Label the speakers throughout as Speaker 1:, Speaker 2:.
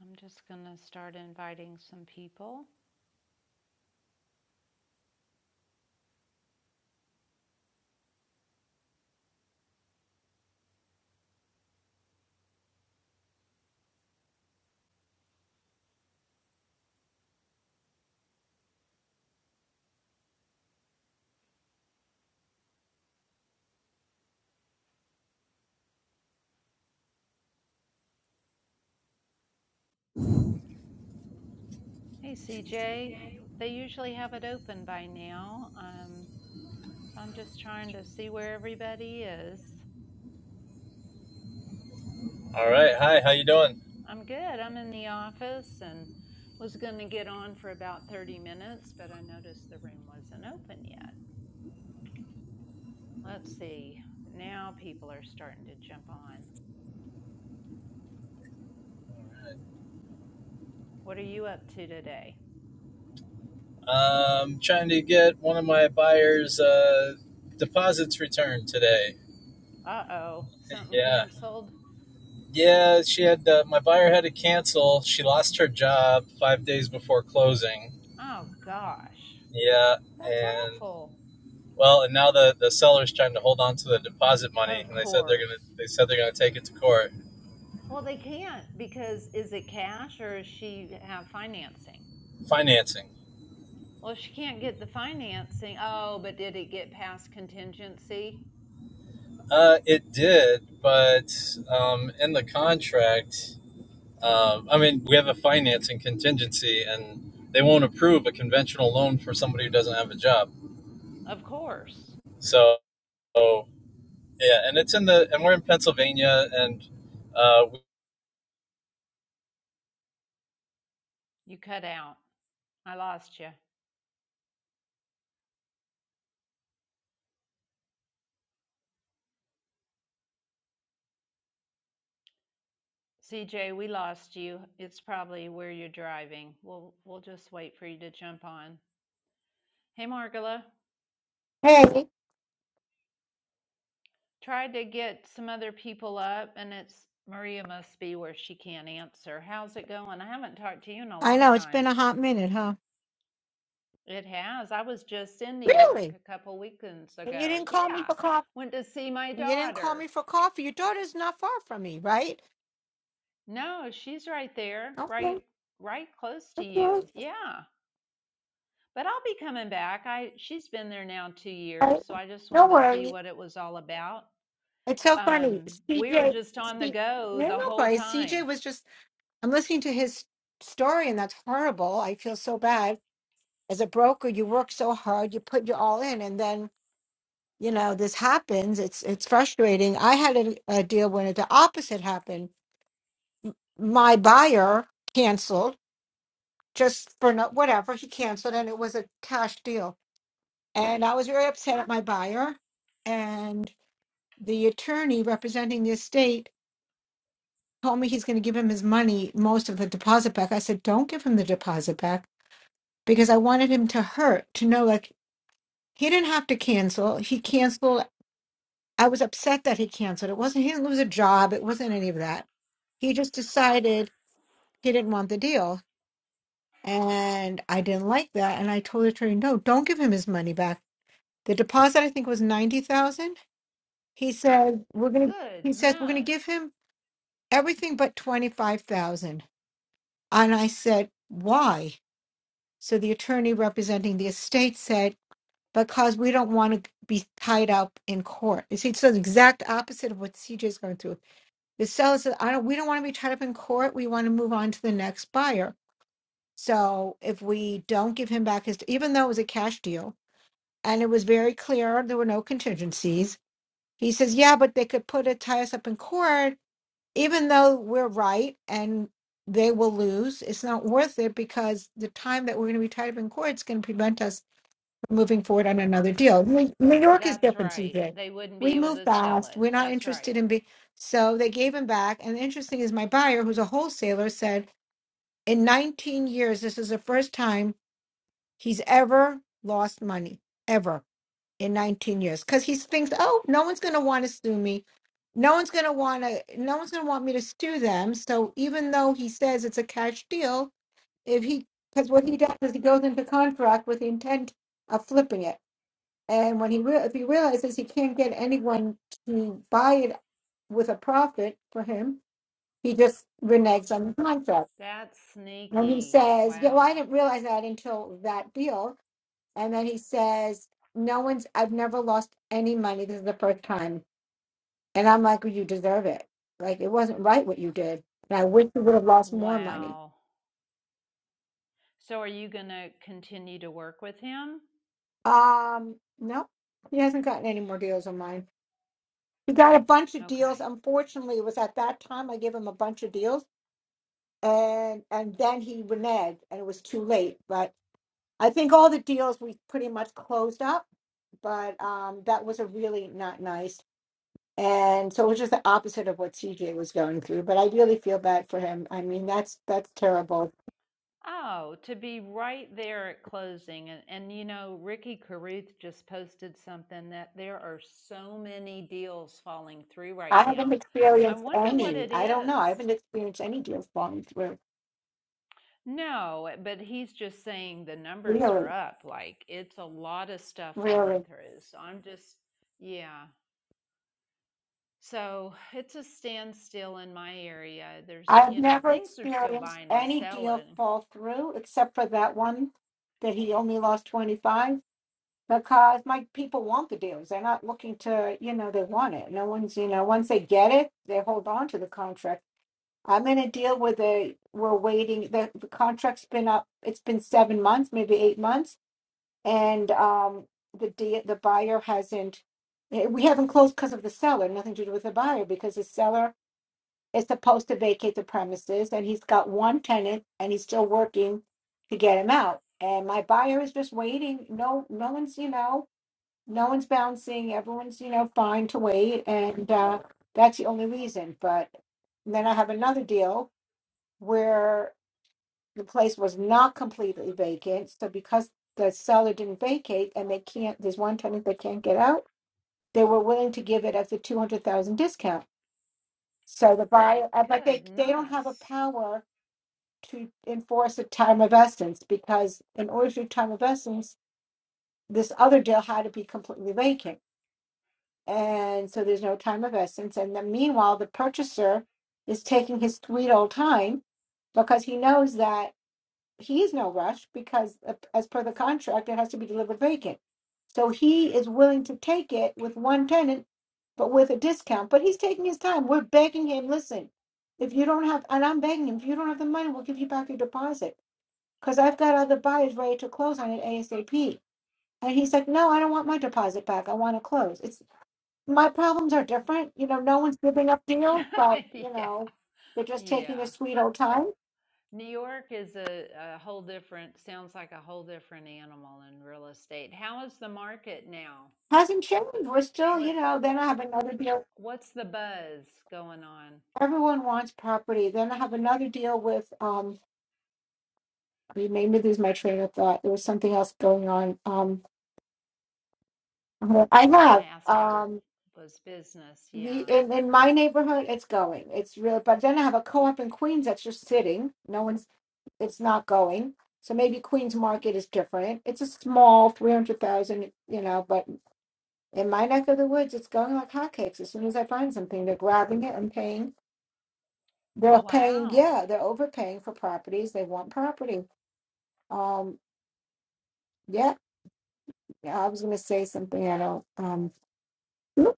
Speaker 1: I'm just going to start inviting some people. Hey, CJ, they usually have it open by now. Um, so I'm just trying to see where everybody is.
Speaker 2: All right. Hi. How you doing?
Speaker 1: I'm good. I'm in the office and was going to get on for about 30 minutes, but I noticed the room wasn't open yet. Let's see. Now people are starting to jump on. What are you up to today?
Speaker 2: Um, trying to get one of my buyers' uh, deposits returned today.
Speaker 1: Uh oh, something
Speaker 2: Yeah.
Speaker 1: canceled?
Speaker 2: Yeah. She had uh, my buyer had to cancel. She lost her job five days before closing.
Speaker 1: Oh gosh,
Speaker 2: Yeah.
Speaker 1: that's
Speaker 2: And
Speaker 1: awful.
Speaker 2: well, and now the the seller's trying to hold on to the deposit money,
Speaker 1: Of
Speaker 2: and they said they're gonna
Speaker 1: course.
Speaker 2: they said they're gonna take it to court.
Speaker 1: Well, they can't because is it cash or does she have financing?
Speaker 2: Financing.
Speaker 1: Well, if she can't get the financing, oh, but did it get past contingency?
Speaker 2: Uh, it did, but um, in the contract. Um, I mean, we have a financing contingency, and they won't approve a conventional loan for somebody who doesn't have a job.
Speaker 1: Of course.
Speaker 2: So, yeah, and it's in the and we're in Pennsylvania, and uh,
Speaker 1: You cut out. I lost you. CJ, we lost you. It's probably where you're driving. We'll we'll just wait for you to jump on. Hey, Margola,
Speaker 3: Hey,
Speaker 1: tried to get some other people up, and it's Maria must be where she can't answer. How's it going? I haven't talked to you in a
Speaker 3: I
Speaker 1: long
Speaker 3: know it's been
Speaker 1: time.
Speaker 3: a hot minute, huh?
Speaker 1: It has. I was just in New York
Speaker 3: Really?
Speaker 1: a couple weekends
Speaker 3: And you
Speaker 1: ago.
Speaker 3: didn't
Speaker 1: Yeah.
Speaker 3: call me for coffee.
Speaker 1: Went to see my
Speaker 3: And you didn't call me
Speaker 1: daughter.
Speaker 3: for coffee. Your daughter's not far from me, right?
Speaker 1: No, she's right there,
Speaker 3: Okay.
Speaker 1: right right close to you.
Speaker 3: Okay.
Speaker 1: Yeah. But I'll be coming back. I she's been there now 2
Speaker 3: Right.
Speaker 1: years, so I just
Speaker 3: No
Speaker 1: wanted to see
Speaker 3: worries.
Speaker 1: what it was all about.
Speaker 3: It's so funny.
Speaker 1: Um we were
Speaker 3: CJ,
Speaker 1: just on the go
Speaker 3: yeah,
Speaker 1: the
Speaker 3: no
Speaker 1: whole
Speaker 3: problem. CJ
Speaker 1: time.
Speaker 3: was just, I'm listening to his story, and that's horrible. I feel so bad. As a broker, you work so hard, you put your all in, and then you know this happens. It's it's frustrating. I had a, a deal when the opposite happened. My buyer canceled just for no, whatever. He canceled and it was a cash deal. And I was very upset at my buyer. And the attorney representing the estate told me he's going to give him his money, most of the deposit back. I said, don't give him the deposit back because I wanted him to hurt, to know like he didn't have to cancel. He canceled. I was upset that he canceled. It wasn't, he didn't lose a job. It wasn't any of that. He just decided he didn't want the deal. And I didn't like that. And I told the attorney, no, don't give him his money back The deposit I think was ninety thousand. He said we're gonna. He says we're gonna give
Speaker 1: Goodness.
Speaker 3: him everything but twenty five thousand. And I said why? So the attorney representing the estate said because we don't want to be tied up in court. You see, it's the exact opposite of what CJ is going through. The seller said, I don't. We don't want to be tied up in court. We want to move on to the next buyer. So if we don't give him back his, even though it was a cash deal, and it was very clear there were no contingencies He says, yeah, but they could put it, tie us up in court, even though we're right and they will lose. It's not worth it because the time that we're going to be tied up in court is going to prevent us from moving forward on another deal. New New York is
Speaker 1: That's
Speaker 3: different,
Speaker 1: right.
Speaker 3: CJ.
Speaker 1: They wouldn't be
Speaker 3: We
Speaker 1: able
Speaker 3: move
Speaker 1: to sell
Speaker 3: fast.
Speaker 1: it.
Speaker 3: We're not
Speaker 1: That's right.
Speaker 3: interested in being. So they gave him back. And the interesting is my buyer, who's a wholesaler, said in 19 years, this is the first time he's ever lost money, ever in 19 years because he thinks, oh, no one's going to want to sue me. No one's going to want to, no one's going to want me to sue them. So even though he says it's a cash deal, if he, because what he does is he goes into contract with the intent of flipping it. And when he, re- if he realizes he can't get anyone to buy it with a profit for him, he just reneges on the contract.
Speaker 1: That's
Speaker 3: When he
Speaker 1: sneaky.
Speaker 3: says, yeah, well, I
Speaker 1: Wow.
Speaker 3: didn't realize that until that deal and then he says, No one's, I've never lost any money. This is the first time. And I'm like, well, You deserve it. Like, it wasn't right what you did. And I wish you would have lost more money.
Speaker 1: Wow. So are you going to continue to work with him?
Speaker 3: Um, no, he hasn't gotten any more deals on mine. He got a bunch of deals.
Speaker 1: Okay.
Speaker 3: Unfortunately, it was at that time I gave him a bunch of deals. And and then he reneged and it was too late. But I think all the deals we pretty much closed up. But um, that was a really not nice. And so it was just the opposite of what CJ was going through. But I really feel bad for him. I mean, that's that's terrible.
Speaker 1: Oh, to be right there at closing. And, and you know, Ricky Carruth just posted something that there are so many deals falling through
Speaker 3: I
Speaker 1: right
Speaker 3: haven't
Speaker 1: now. I
Speaker 3: experienced
Speaker 1: wonder what
Speaker 3: any.
Speaker 1: it
Speaker 3: I don't know.
Speaker 1: is.
Speaker 3: I haven't experienced any deal falling through.
Speaker 1: No, eh, but he's just saying the numbers are
Speaker 3: Really,
Speaker 1: up. Like it's a lot of stuff falling
Speaker 3: really.
Speaker 1: through. So I'm just, yeah. So it's a standstill in my area. There's,
Speaker 3: I've
Speaker 1: you know,
Speaker 3: never
Speaker 1: things are still
Speaker 3: experienced
Speaker 1: buying and
Speaker 3: any deal
Speaker 1: selling
Speaker 3: fall through except for that one that he only lost 25 because my people want the deals. They're not looking to, you know, they want it. No one's, you know, once they get it, they hold on to the contract I'm in a deal with a, we're waiting, the, the contract's been up, it's been seven months, maybe eight months. And, um, the de the buyer hasn't, eh, we haven't closed because of the seller, nothing to do with the buyer, because the seller is supposed to vacate the premises and he's got one tenant and he's still working to get him out. And my buyer is just waiting. No, no one's, you know, no one's bouncing. Everyone's, you know, fine to wait. And, uh, that's the only reason, but then I have another deal where the place was not completely vacant. So because the seller didn't vacate and they can't, there's one tenant that can't get out, they were willing to give it as a two hundred thousand discount. So the buyer, uh, but they, they don't have a
Speaker 1: Goodness.
Speaker 3: power to enforce a time of essence because in order to do time of essence, this other deal had to be completely vacant. And so there's no time of essence. And then meanwhile, the purchaser is taking his sweet old time because he knows that he is no rush because uh, as per the contract it has to be delivered vacant so he is willing to take it with one tenant but with a discount but he's taking his time we're begging him listen if you don't have and i'm begging him if you don't have the money we'll give you back your deposit because i've got other buyers ready to close on it asap and he's like no i don't want my deposit back i want to close it's my problems are different you know no one's giving up deals but you
Speaker 1: yeah.
Speaker 3: know they're just taking their
Speaker 1: Yeah.
Speaker 3: sweet old time
Speaker 1: New York is a, a whole different, sounds like a whole different animal in real estate. How is the market now?
Speaker 3: hasn't changed. We're still, you
Speaker 1: What
Speaker 3: know, then I have another deal.
Speaker 1: what's the buzz going on?
Speaker 3: everyone wants property. Then I have another deal with um you made me lose my train of thought. There was something else going on. Um well, I
Speaker 1: I
Speaker 3: have
Speaker 1: asked how
Speaker 3: um
Speaker 1: was business.
Speaker 3: the
Speaker 1: Yeah.
Speaker 3: in, in my neighborhood it's going. It's real but then I have a co op in Queens that's just sitting. No one's it's not going. So maybe Queens market is different. It's a small three hundred thousand, you know, but in my neck of the woods it's going like hotcakes. As soon as I find something, they're grabbing it and paying they're paying
Speaker 1: Wow.
Speaker 3: yeah, they're overpaying for properties. They want property. Um, Yeah, yeah, I was gonna say something. I don't. Um, no,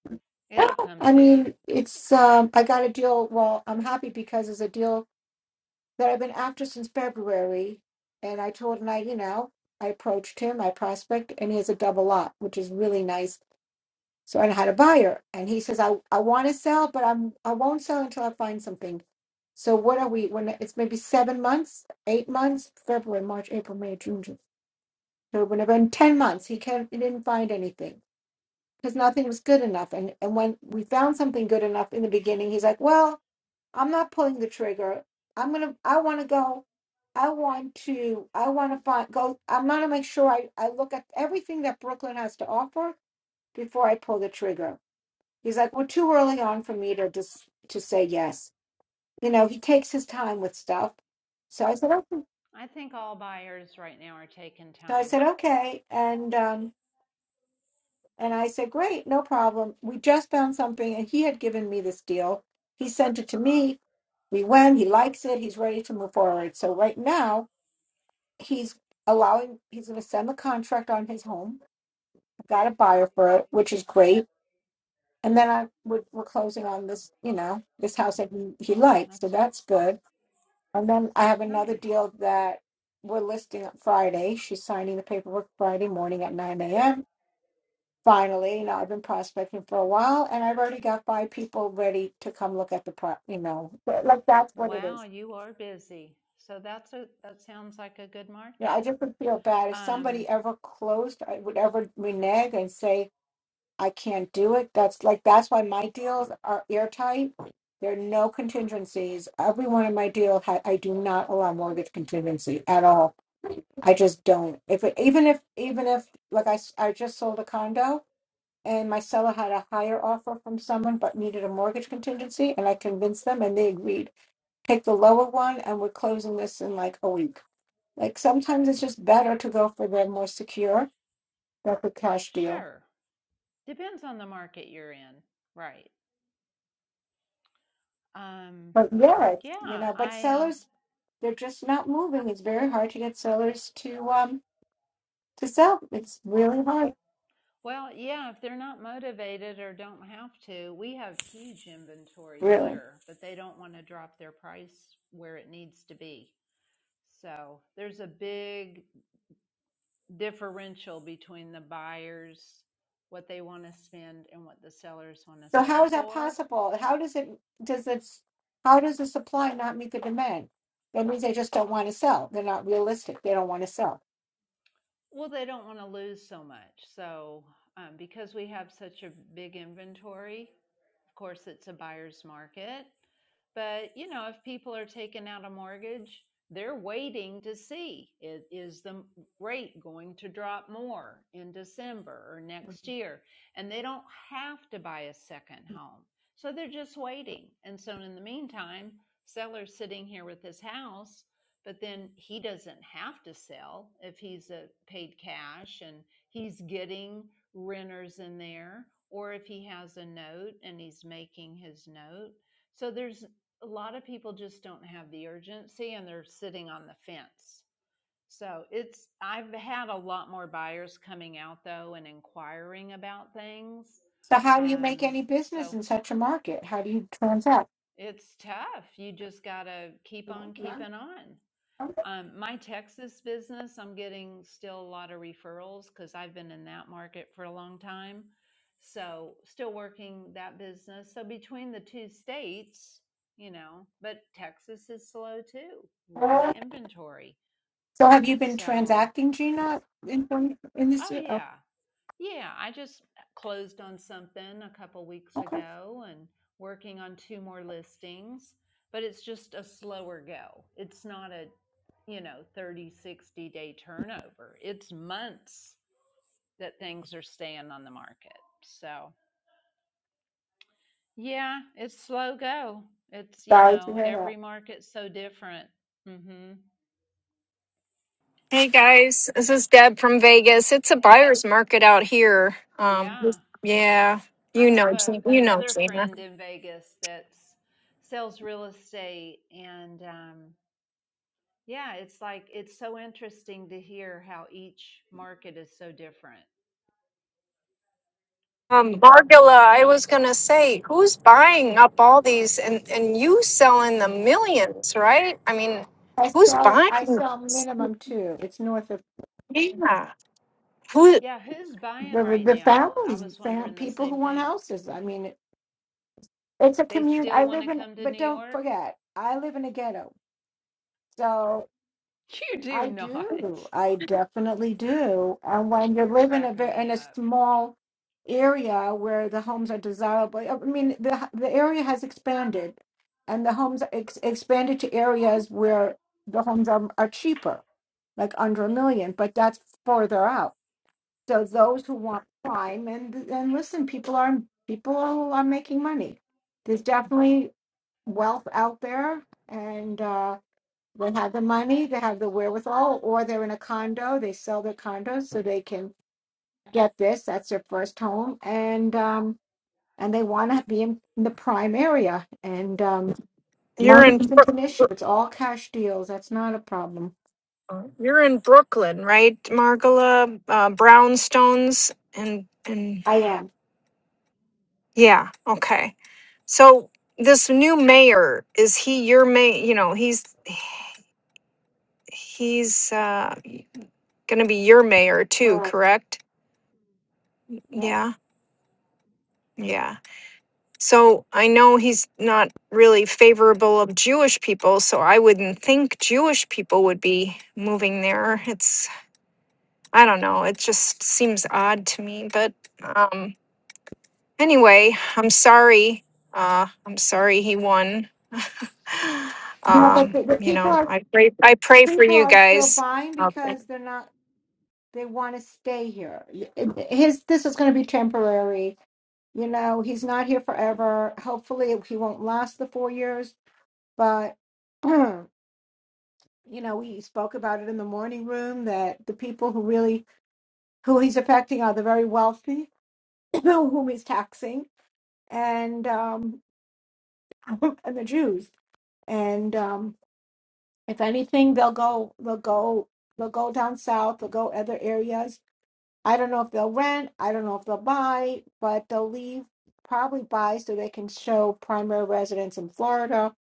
Speaker 3: no,
Speaker 1: It'll come
Speaker 3: I
Speaker 1: to you.
Speaker 3: mean, it's. Um, I got a deal. Well, I'm happy because it's a deal that I've been after since February, and I told him I, you know, I approached him, I prospect, and he has a double lot, which is really nice. So I had a buyer, and he says, I, I want to sell, but I'm, I won't sell until I find something. So what are we? When it's maybe seven months, eight months, February, March, April, May, June, June. So whenever in ten months, he can, he didn't find anything. because nothing was good enough. And and when we found something good enough in the beginning, he's like, "Well, I'm not pulling the trigger. I'm gonna. I want to go. I want to. I want to find go. I'm gonna make sure I I look at everything that Brooklyn has to offer before I pull the trigger." He's like, "We're too early on for me to just to say yes." You know, he takes his time with stuff. So I said, "Okay."
Speaker 1: I think all buyers right now are taking
Speaker 3: So I
Speaker 1: time.
Speaker 3: said, "Okay," and um, And I said, Great, no problem. We just found something, and he had given me this deal. He sent it to me. We went, he likes it, he's ready to move forward. So right now, he's allowing, he's going to send the contract on his home. I've got a buyer for it, which is great. And then I would, we're closing on this, you know, this house that he, he likes. So
Speaker 1: That's
Speaker 3: that's good. And then I have another
Speaker 1: nice.
Speaker 3: deal that we're listing on Friday. She's signing the paperwork Friday morning at 9 a.m finally. You know, I've been prospecting for a while, and I've already got five people ready to come look at the pro. You know, But, like that's what it
Speaker 1: Wow,
Speaker 3: is.
Speaker 1: you are busy. So that's a that sounds like a good
Speaker 3: You know, I
Speaker 1: market.
Speaker 3: just would feel bad if somebody
Speaker 1: Um,
Speaker 3: ever closed, I would ever renege and say I can't do it. That's like that's why my deals are airtight. There are no contingencies. Every one of my deal, ha- I do not allow mortgage contingency at all. I just don't. If it, even if even if like I, s- I just sold a condo, and my seller had a higher offer from someone but needed a mortgage contingency and I convinced them and they agreed. Pick the lower one and we're closing this in like a week. Like sometimes it's just better to go for the more secure, like a cash deal.
Speaker 1: sure. Depends on the market you're in, right? Um,
Speaker 3: But yeah, it's- you
Speaker 1: yeah,
Speaker 3: know, but
Speaker 1: I um,
Speaker 3: sellers they're just not moving. It's very hard to get sellers to um to sell. It's really hard.
Speaker 1: well, yeah, if they're not motivated or don't have to, we have huge inventory
Speaker 3: Really.
Speaker 1: here, but they don't want to drop their price where it needs to be. So there's a big differential between the buyers, what they want to spend, and what the sellers want to
Speaker 3: So how
Speaker 1: sell
Speaker 3: is that
Speaker 1: for.
Speaker 3: possible? How does it does it's how does the supply not meet the demand? That means they just don't want to sell. They're not realistic. They don't want to sell.
Speaker 1: Well, they don't want to lose so much. So um, because we have such a big inventory, Of course, it's a buyer's market. But you know, if people are taking out a mortgage, they're waiting to see is the rate going to drop more in December or next year, and they don't have to buy a second home, so they're just waiting. And so, in the meantime, seller's sitting here with his house, but then he doesn't have to sell if he's a paid cash and he's getting renters in there, or if he has a note and he's making his note. So there's a lot of people just don't have the urgency and they're sitting on the fence. So it's I've had a lot more buyers coming out though and inquiring about things.
Speaker 3: So how do you make
Speaker 1: Um,
Speaker 3: any business
Speaker 1: so
Speaker 3: in such a market? How do you transact?
Speaker 1: it's tough. You just gotta keep on keeping on. Um, my Texas business, I'm getting still a lot of referrals because I've been in that market for a long time. So, still working that business. So, between the two states, you know, but Texas is slow too, a lot of inventory.
Speaker 3: So have you been
Speaker 1: So,
Speaker 3: transacting, Gina, in in this
Speaker 1: oh,
Speaker 3: year? Oh,
Speaker 1: yeah. Yeah, I just uh, closed on something a couple weeks
Speaker 3: okay.
Speaker 1: ago and working on two more listings, but it's just a slower go. It's not a, you know, 30 60 day turnover. It's months that things are staying on the market. So, yeah, it's slow go. It's, you
Speaker 3: Sorry to
Speaker 1: know,
Speaker 3: hear that.
Speaker 1: every market's so different. Mhm.
Speaker 4: Hey guys, this is Deb from Vegas. It's a
Speaker 1: Hey,
Speaker 4: buyer's market out here. Um,
Speaker 1: yeah.
Speaker 4: yeah,
Speaker 1: I
Speaker 4: you
Speaker 1: have
Speaker 4: know,
Speaker 1: a
Speaker 4: Gina- you know,
Speaker 1: another
Speaker 4: Gina.
Speaker 1: friend in Vegas that sells real estate, and um, yeah, it's like it's so interesting to hear how each market is so different.
Speaker 4: Um, Margula, I
Speaker 1: So
Speaker 4: was gonna say, who's buying up all these and and you selling the millions, right? I mean,
Speaker 3: I
Speaker 4: who's
Speaker 3: saw it.
Speaker 4: buying
Speaker 3: I saw
Speaker 4: this?
Speaker 3: minimum two. It's north of
Speaker 4: Yeah, who
Speaker 1: yeah, who's buying
Speaker 3: the
Speaker 1: right
Speaker 3: the
Speaker 1: now? I
Speaker 3: families,
Speaker 1: was
Speaker 3: fam,
Speaker 1: wondering the
Speaker 3: people who
Speaker 1: same
Speaker 3: want
Speaker 1: thing.
Speaker 3: houses. I mean, it, it's a
Speaker 1: They
Speaker 3: community.
Speaker 1: still
Speaker 3: I
Speaker 1: want
Speaker 3: live
Speaker 1: to
Speaker 3: in,
Speaker 1: come to
Speaker 3: but
Speaker 1: New
Speaker 3: don't
Speaker 1: York?
Speaker 3: forget, I live in a ghetto. So
Speaker 1: You do
Speaker 3: I
Speaker 1: not.
Speaker 3: do. I definitely do. And when you
Speaker 1: You're
Speaker 3: live in a
Speaker 1: cracking
Speaker 3: ve-
Speaker 1: me
Speaker 3: in a
Speaker 1: up.
Speaker 3: small area where the homes are desirable, I mean, the the area has expanded, and the homes are ex- expanded to areas where the homes are are cheaper, like under a million. But that's further out So those who want prime and and listen, people are people are making money. There's definitely wealth out there, and uh, they have the money, they have the wherewithal, or they're in a condo. They sell their condos so they can get this. That's their first home, and um, and they want to be in, in the prime area. And um,
Speaker 4: you're
Speaker 3: money
Speaker 4: in?
Speaker 3: isn't
Speaker 4: Brook-
Speaker 3: an issue. It's all cash deals. That's not a problem.
Speaker 4: Brook- You're in Brooklyn, right, Margula? Uh, brownstones and and
Speaker 3: I am
Speaker 4: Yeah, okay. So this new mayor, is he your mayor? You know, he's he's uh gonna be your mayor too,
Speaker 3: correct.
Speaker 4: correct?
Speaker 3: Yeah.
Speaker 4: Yeah, yeah. So I know he's not really favorable of Jewish people, so I wouldn't think Jewish people would be moving there. It's I don't know, it just seems odd to me, but um Anyway, I'm sorry. Uh, I'm sorry he won.
Speaker 3: No, but
Speaker 4: um,
Speaker 3: the, the
Speaker 4: you
Speaker 3: people
Speaker 4: know,
Speaker 3: are
Speaker 4: I pray. I pray for
Speaker 3: people
Speaker 4: you
Speaker 3: are still
Speaker 4: guys.
Speaker 3: buying
Speaker 4: Okay.
Speaker 3: because they're not they want to stay here Y- it- his this is going to be temporary you know he's not here forever hopefully he won't last the four years but you know we spoke about it in the morning room that the people who really who he's affecting are the very wealthy whom he's taxing and um and the jews and um if anything they'll go they'll go they'll go down south they'll go other areas I don't know if they'll rent, I don't know if they'll buy, but they'll leave probably buy so they can show primary residence in Florida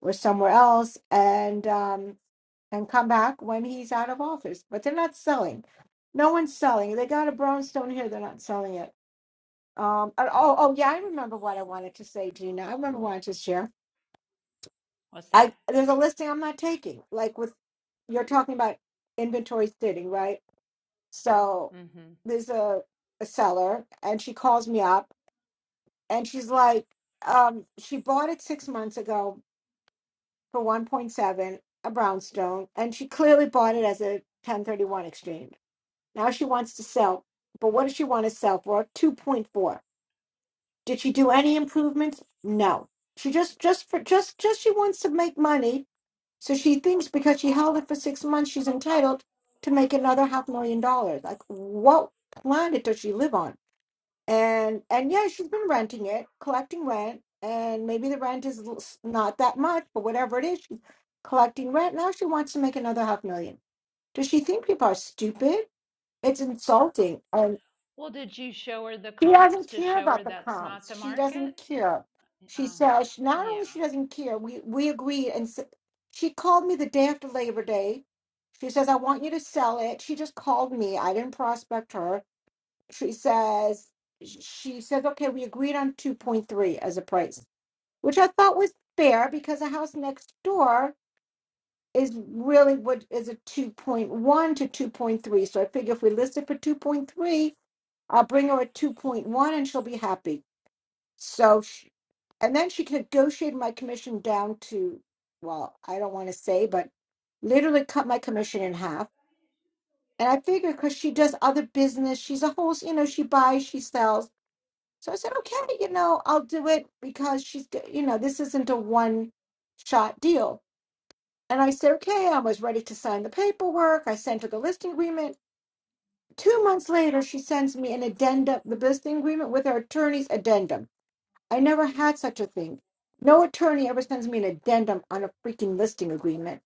Speaker 3: or somewhere else and um and come back when he's out of office. But they're not selling. No one's selling. They got a brownstone here, they're not selling it. Um and- oh oh yeah, I remember what I wanted to say, Gina. I remember what I wanted to share.
Speaker 1: What's that?
Speaker 3: I there's a listing I'm not taking, like with you're talking about inventory sitting, right? So
Speaker 1: hmm
Speaker 3: there's a, a seller, and she calls me up, and she's like, um, she bought it six months ago for 1.7, a brownstone, and she clearly bought it as a 1031 exchange. Now she wants to sell, but what does she want to sell for? 2.4. Did she do any improvements? No. She just, just for, just, just she wants to make money. So she thinks because she held it for six months, she's entitled to make another half million dollars. Like, what planet does she live on? and and yeah she's been renting it collecting rent and maybe the rent is l- s- not that much but whatever it is she's collecting rent now she wants to make another half million does she think people are stupid it's insulting and
Speaker 1: Well, did you show her the
Speaker 3: she
Speaker 1: comps
Speaker 3: doesn't
Speaker 1: to
Speaker 3: care
Speaker 1: show
Speaker 3: about
Speaker 1: her
Speaker 3: the
Speaker 1: that's not
Speaker 3: comps
Speaker 1: the
Speaker 3: she
Speaker 1: market?
Speaker 3: doesn't care she
Speaker 1: Oh,
Speaker 3: says not only
Speaker 1: yeah,
Speaker 3: she doesn't care we we agreed and s- she called me the day after labor day she says i want you to sell it she just called me i didn't prospect her she says she says okay we agreed on 2.3 as a price which i thought was fair because a house next door is really what is a 2.1 to 2.3 so i figure if we list it for 2.3 i'll bring her a 2.1 and she'll be happy so she, and then she negotiated my commission down to well i don't want to say but literally cut my commission in half and i figure because she does other business she's a whole you know she buys she sells So I said, okay, you know, I'll do it because she's, g- you know, this isn't a one shot deal. And I said, okay, I was ready to sign the paperwork. I sent her the listing agreement. Two months later, she sends me an addendum, the listing agreement with her attorney's addendum. I never had such a thing. No attorney ever sends me an addendum on a freaking listing agreement.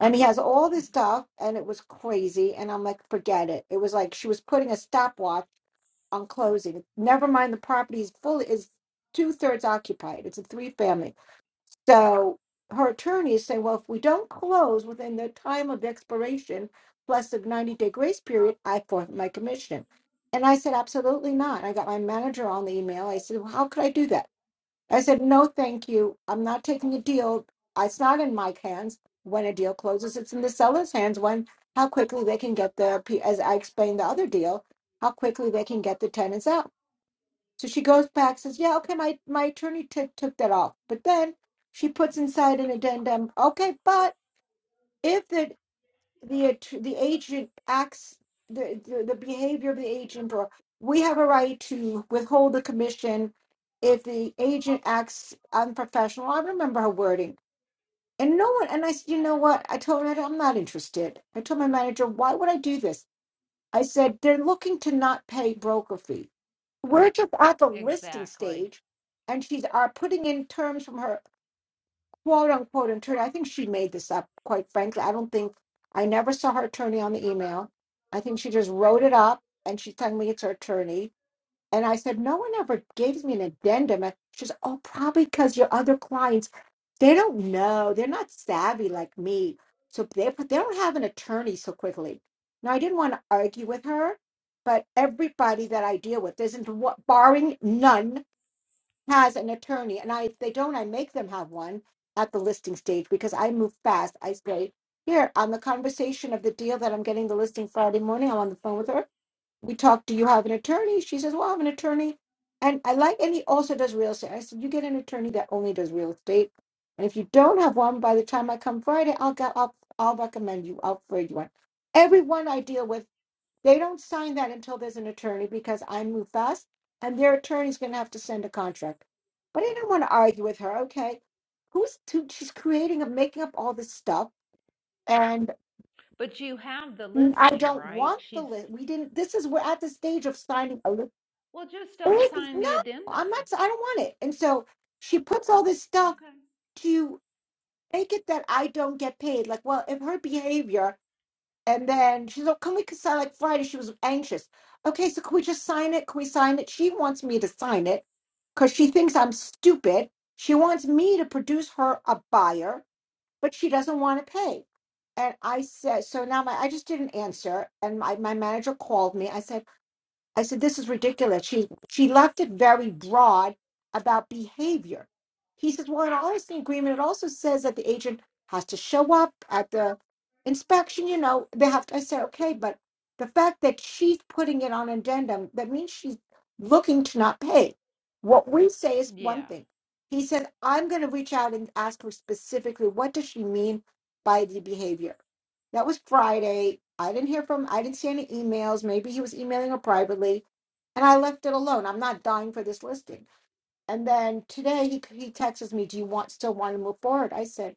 Speaker 3: And he has all this stuff, and it was crazy. And I'm like, forget it. It was like she was putting a stopwatch on closing. Never mind, the property is fully is two thirds occupied. It's a three family. So her attorney is saying, well, if we don't close within the time of expiration plus the ninety day grace period, I forfeit my commission. And I said, absolutely not. I got my manager on the email. I said, well, how could I do that? I said, no, thank you. I'm not taking a deal. It's not in my hands when a deal closes. It's in the seller's hands when how quickly they can get the, P- as I explained the other deal, how quickly they can get the tenants out. So she goes back, says, "Yeah, okay, my my attorney t- took that off." But then she puts inside an addendum, "Okay, but if the the att- the agent acts the, the the behavior of the agent, or we have a right to withhold the commission if the agent acts unprofessional." I remember her wording, and no one. And I said, "You know what?" I told her, "I'm not interested." I told my manager, "Why would I do this?" I said, they're looking to not pay broker fee. We're just at the listing
Speaker 1: exactly.
Speaker 3: stage, and she's are putting in terms from her quote unquote attorney. I think she made this up, quite frankly. I don't think I never saw her attorney on the email. I think she just wrote it up and she's telling me it's her attorney and I said, no one ever gives me an addendum. And she says, oh, probably because your other clients, they don't know. They're not savvy like me. So they, but they don't have an attorney so quickly. Now, I didn't want to argue with her, but everybody that I deal with isn't, what- barring none, has an attorney. And I, if they don't, I make them have one at the listing stage because I move fast. I say, here, on the conversation of the deal that I'm getting the listing Friday morning, I'm on the phone with her we talked, do you have an attorney? She says, well, I have an attorney. And I like, and he also does real estate. I said, you get an attorney that only does real estate. And if you don't have one, by the time I come Friday, I'll get up, I'll I'll recommend you, I'll trade you one. Everyone I deal with, they don't sign that until there's an attorney because I move fast and their attorney's going to have to send a contract. But I didn't want to argue with her. Okay. Who's to, she's creating and making up all this stuff. And
Speaker 1: But you have the
Speaker 3: I
Speaker 1: listing,
Speaker 3: don't
Speaker 1: right?
Speaker 3: want the
Speaker 1: She's,
Speaker 3: list. We didn't, this is, we're at the stage of signing a list
Speaker 1: well, just don't
Speaker 3: like,
Speaker 1: sign
Speaker 3: No,
Speaker 1: the
Speaker 3: I'm not.
Speaker 1: addendum.
Speaker 3: I don't want it. And so she puts all this stuff
Speaker 1: Okay.
Speaker 3: to make it that I don't get paid. Like, well, if her behavior, and then she's like, can we sign like Friday? She was anxious. Okay, so can we just sign it? Can we sign it? She wants me to sign it because she thinks I'm stupid. She wants me to produce her a buyer, but she doesn't want to pay. And I said, so now my I just didn't answer. And my, my manager called me. I said. I said, this is ridiculous. She she left it very broad about behavior. He says, well, in our honesty agreement, it also says that the agent has to show up at the inspection. You know, they have to. I said, okay, but the fact that she's putting it on addendum, that means she's looking to not pay. What we say is one thing.
Speaker 1: Yeah.
Speaker 3: He said, I'm going to reach out and ask her specifically, what does she mean by the behavior? That was Friday. I didn't hear from, I didn't see any emails. Maybe he was emailing her privately. And I left it alone. I'm not dying for this listing. And then today he, he texts me, Do you want still want to move forward? I said,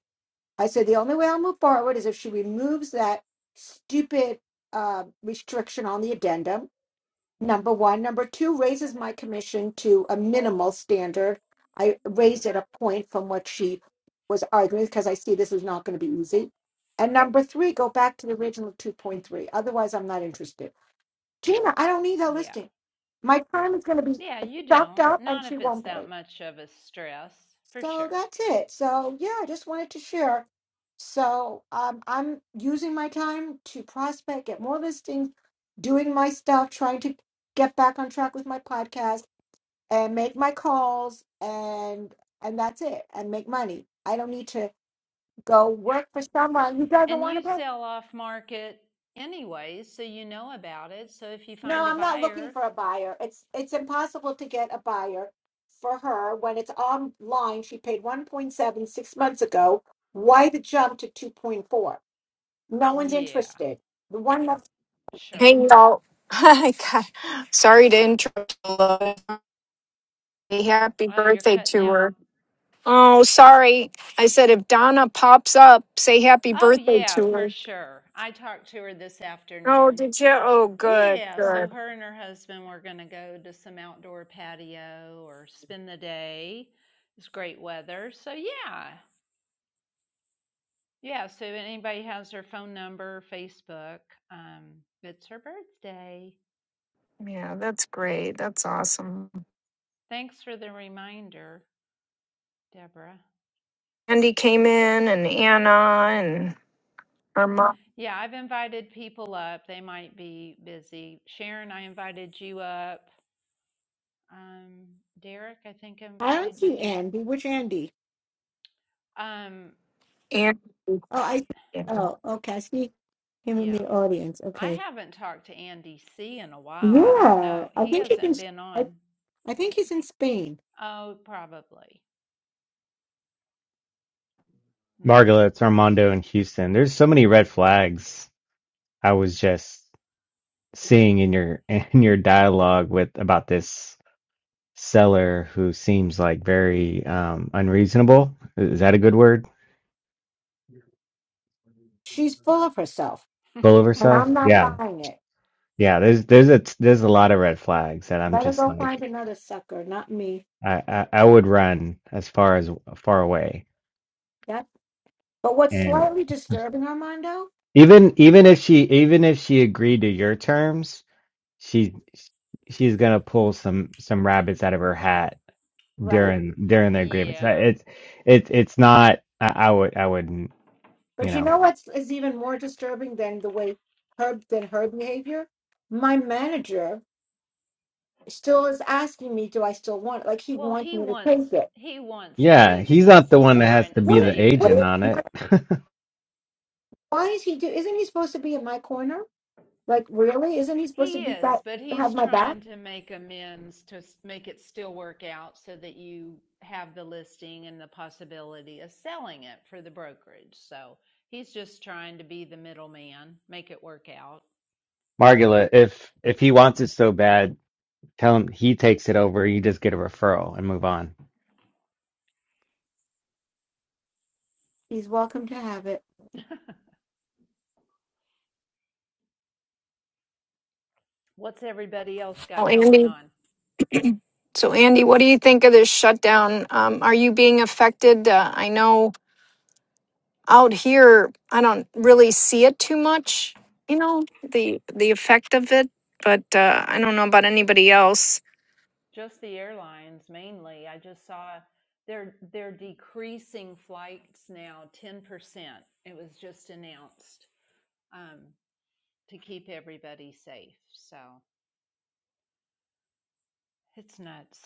Speaker 3: I said, the only way I'll move forward is if she removes that stupid uh, restriction on the addendum Number one. Number two raises my commission to a minimal standard. I raised it a point from what she was arguing because I see this is not going to be easy. And number three, go back to the original 2.3. Otherwise, I'm not interested. Gina, I don't need that
Speaker 1: Yeah.
Speaker 3: listing. My time is going to be
Speaker 1: Yeah, you
Speaker 3: sucked
Speaker 1: don't.
Speaker 3: up and
Speaker 1: Not
Speaker 3: she
Speaker 1: if it's
Speaker 3: won't
Speaker 1: that
Speaker 3: pay.
Speaker 1: much of a stress, for
Speaker 3: So
Speaker 1: sure.
Speaker 3: that's it. So yeah, I just wanted to share. So um, I'm using my time to prospect, get more listings, doing my stuff, trying to get back on track with my podcast and make my calls and and that's it and make money. I don't need to go work for someone who doesn't
Speaker 1: And
Speaker 3: want
Speaker 1: you
Speaker 3: to pay.
Speaker 1: sell off market anyways, so you know about it. So if you
Speaker 3: No,
Speaker 1: find a
Speaker 3: I'm not looking
Speaker 1: buyer,
Speaker 3: for a buyer. It's it's impossible to get a buyer for her when it's online. She paid 1.7 six months ago. Why the jump to 2.4? No one's
Speaker 1: yeah,
Speaker 3: interested. The one left.
Speaker 4: Hey
Speaker 1: sure.
Speaker 4: y'all. I got, sorry to interrupt. Lois. Happy
Speaker 1: Oh, you're
Speaker 4: birthday
Speaker 1: cutting
Speaker 4: to
Speaker 1: out.
Speaker 4: her. Oh, sorry. I said if Donna pops up, say happy
Speaker 1: Oh,
Speaker 4: birthday
Speaker 1: yeah,
Speaker 4: to
Speaker 1: for
Speaker 4: her.
Speaker 1: sure. I talked to her this
Speaker 4: Oh,
Speaker 1: afternoon.
Speaker 4: did you? Oh, good,
Speaker 1: Yeah, so
Speaker 4: good.
Speaker 1: her and her husband were going to go to some outdoor patio or spend the day. It's great weather. So yeah. Yeah, so if anybody has her phone number, Facebook, um, it's her birthday.
Speaker 4: Yeah, that's great. That's awesome.
Speaker 1: Thanks for the reminder, Deborah.
Speaker 4: Andy came in, and Anna, and her mom.
Speaker 1: Yeah, I've invited people up. They might be busy. Sharon, I invited you up. Um, Derek, I think I
Speaker 3: I don't
Speaker 1: invited
Speaker 3: see
Speaker 1: you.
Speaker 3: Andy. Which Andy?
Speaker 1: Um,
Speaker 4: And
Speaker 3: Oh,
Speaker 1: eh,
Speaker 3: I.
Speaker 4: yeah.
Speaker 3: Oh, okay. I see him in
Speaker 1: yeah.
Speaker 3: the audience.
Speaker 1: I
Speaker 3: Okay.
Speaker 1: haven't talked to Andy C in a while. I don't
Speaker 3: Yeah,
Speaker 1: know.
Speaker 3: I
Speaker 1: He
Speaker 3: think he can.
Speaker 1: hasn't been
Speaker 3: I,
Speaker 1: on.
Speaker 3: I think he's in Spain.
Speaker 1: Oh, probably. And there's
Speaker 5: Margaret's, Armando, and Houston. There's so many red flags I was just seeing in your in your dialogue with about this seller who seems like very um unreasonable. Is that a good word?
Speaker 3: She's full of herself,
Speaker 5: Full of
Speaker 3: and
Speaker 5: herself?
Speaker 3: I'm not
Speaker 5: Yeah.
Speaker 3: buying it.
Speaker 5: Yeah, there's there's a there's a lot of red flags that I'm
Speaker 3: Let her
Speaker 5: just
Speaker 3: go find
Speaker 5: like
Speaker 3: another sucker, not me.
Speaker 5: I, I, I would run as far as far away.
Speaker 3: That. But what's
Speaker 5: And
Speaker 3: slightly disturbing, Armando?
Speaker 5: even even if she even if she agreed to your terms, She she's gonna pull some some rabbits out of her hat
Speaker 3: Right.
Speaker 5: during during their grievance. Uh,
Speaker 1: yeah.
Speaker 5: It's it's it's not. I, I would I wouldn't. You
Speaker 3: But you
Speaker 5: know.
Speaker 3: know what's is even more disturbing than the way her than her behavior? My manager still is asking me, do I still want it? Like he
Speaker 1: Well,
Speaker 3: wants
Speaker 1: he
Speaker 3: me to take
Speaker 1: wants
Speaker 3: it.
Speaker 1: he wants the
Speaker 5: Yeah, he's
Speaker 1: business.
Speaker 5: not the one
Speaker 1: He's
Speaker 5: that has
Speaker 1: trying
Speaker 5: to
Speaker 1: to
Speaker 5: be
Speaker 3: What?
Speaker 5: the
Speaker 1: save
Speaker 3: What?
Speaker 1: it.
Speaker 5: agent
Speaker 3: Is,
Speaker 5: on it.
Speaker 3: what why is he do? Isn't he supposed to be in my corner? Like really? Isn't he supposed to
Speaker 1: He
Speaker 3: be back,
Speaker 1: is, but
Speaker 3: have
Speaker 1: he's
Speaker 3: my back?
Speaker 1: trying to make amends to make it still work out so that you have the listing and the possibility of selling it for the brokerage. So he's just trying to be the middleman, make it work out.
Speaker 5: Margula, if if he wants it so bad, tell him he takes it over. You just get a referral and move on.
Speaker 3: He's welcome to have it.
Speaker 1: What's everybody else
Speaker 4: Well,
Speaker 1: got going
Speaker 4: Andy,
Speaker 1: on?
Speaker 4: so Andy, what do you think of this shutdown? Um, are you being affected? Uh, I know out here, I don't really see it too much. You know the the effect of it, but uh, I don't know about anybody else.
Speaker 1: just the airlines mainly. I just saw they're they're decreasing flights now 10%. It was just announced um, to keep everybody safe. So it's nuts.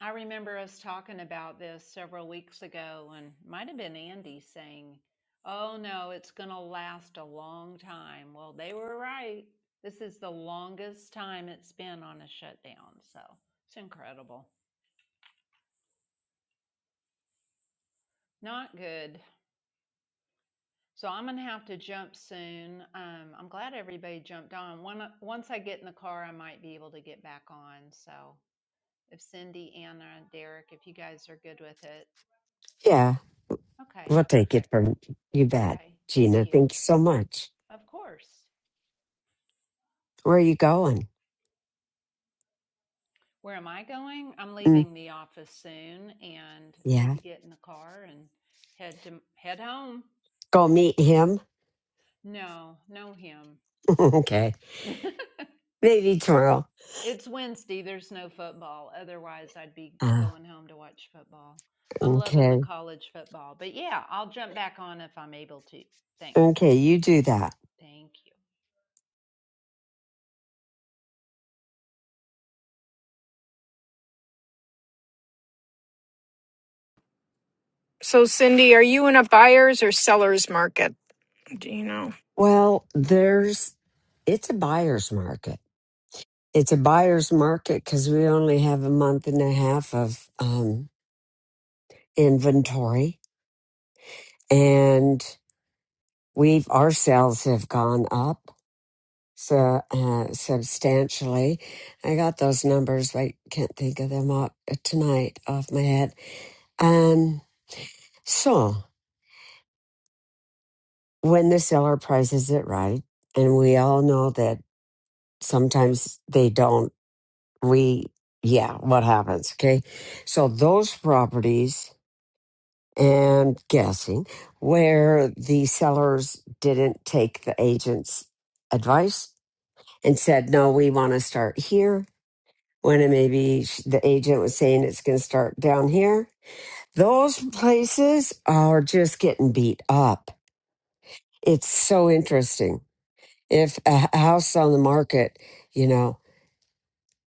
Speaker 1: I remember us talking about this several weeks ago, and might have been Andy saying, "Oh no, it's going to last a long time." Well, they were right. This is the longest time it's been on a shutdown. So it's incredible. Not good. So I'm gonna have to jump soon. Um, I'm glad everybody jumped on. One, once I get in the car, I might be able to get back on. So if Cindy, Anna, Derek, if you guys are good with it,
Speaker 6: Yeah,
Speaker 1: okay,
Speaker 6: we'll take it
Speaker 1: perfect.
Speaker 6: from you bet,
Speaker 1: Okay, thank
Speaker 6: Gina.
Speaker 1: you.
Speaker 6: Thank you so much.
Speaker 1: Of course.
Speaker 6: Where are you going?
Speaker 1: Where am I going? I'm
Speaker 6: Mm,
Speaker 1: leaving the office soon and need
Speaker 6: yeah,
Speaker 1: to get in the car and head to head home.
Speaker 6: go meet him.
Speaker 1: No, no him.
Speaker 6: okay, maybe tomorrow.
Speaker 1: It's Wednesday. There's no football. Otherwise, I'd be
Speaker 6: Ah,
Speaker 1: going home to watch football. I'm loving the
Speaker 6: okay,
Speaker 1: college football. But yeah, I'll jump back on if I'm able to. Thanks.
Speaker 6: okay, you do that.
Speaker 1: Thank you.
Speaker 4: So, Cindy, are you in a buyer's or seller's market? Do you know?
Speaker 6: Well, there's it's a buyer's market. It's a buyer's market because we only have a month and a half of um, inventory, and we've our sales have gone up. So uh, substantially, I got those numbers, but I can't think of them up tonight off my head. Um, so when the seller prices it right, and we all know that sometimes they don't, we yeah, what happens? Okay, so those properties and guessing where the sellers didn't take the agent's advice and said no, we want to start here when it maybe sh- the agent was saying it's going to start down here. Those places are just getting beat up. It's so interesting. If a h- house on the market, you know,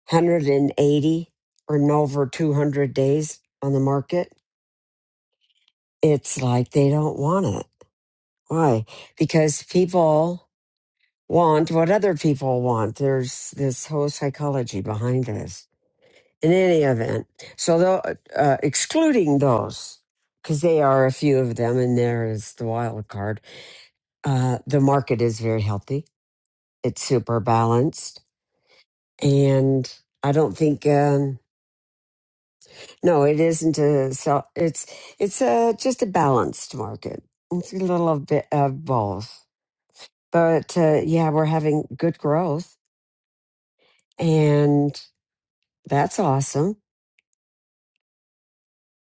Speaker 6: 180 or no over 200 days on the market, it's like they don't want it. Why? Because people want what other people want. There's this whole psychology behind this. in any event. So, tho- uh, excluding those, because they are a few of them, and there is the wild card. Uh, the market is very healthy. It's super balanced, and I don't think um, no, it isn't a so. It's it's a just a balanced market. It's a little of bit of both, but uh, yeah, we're having good growth, and that's awesome.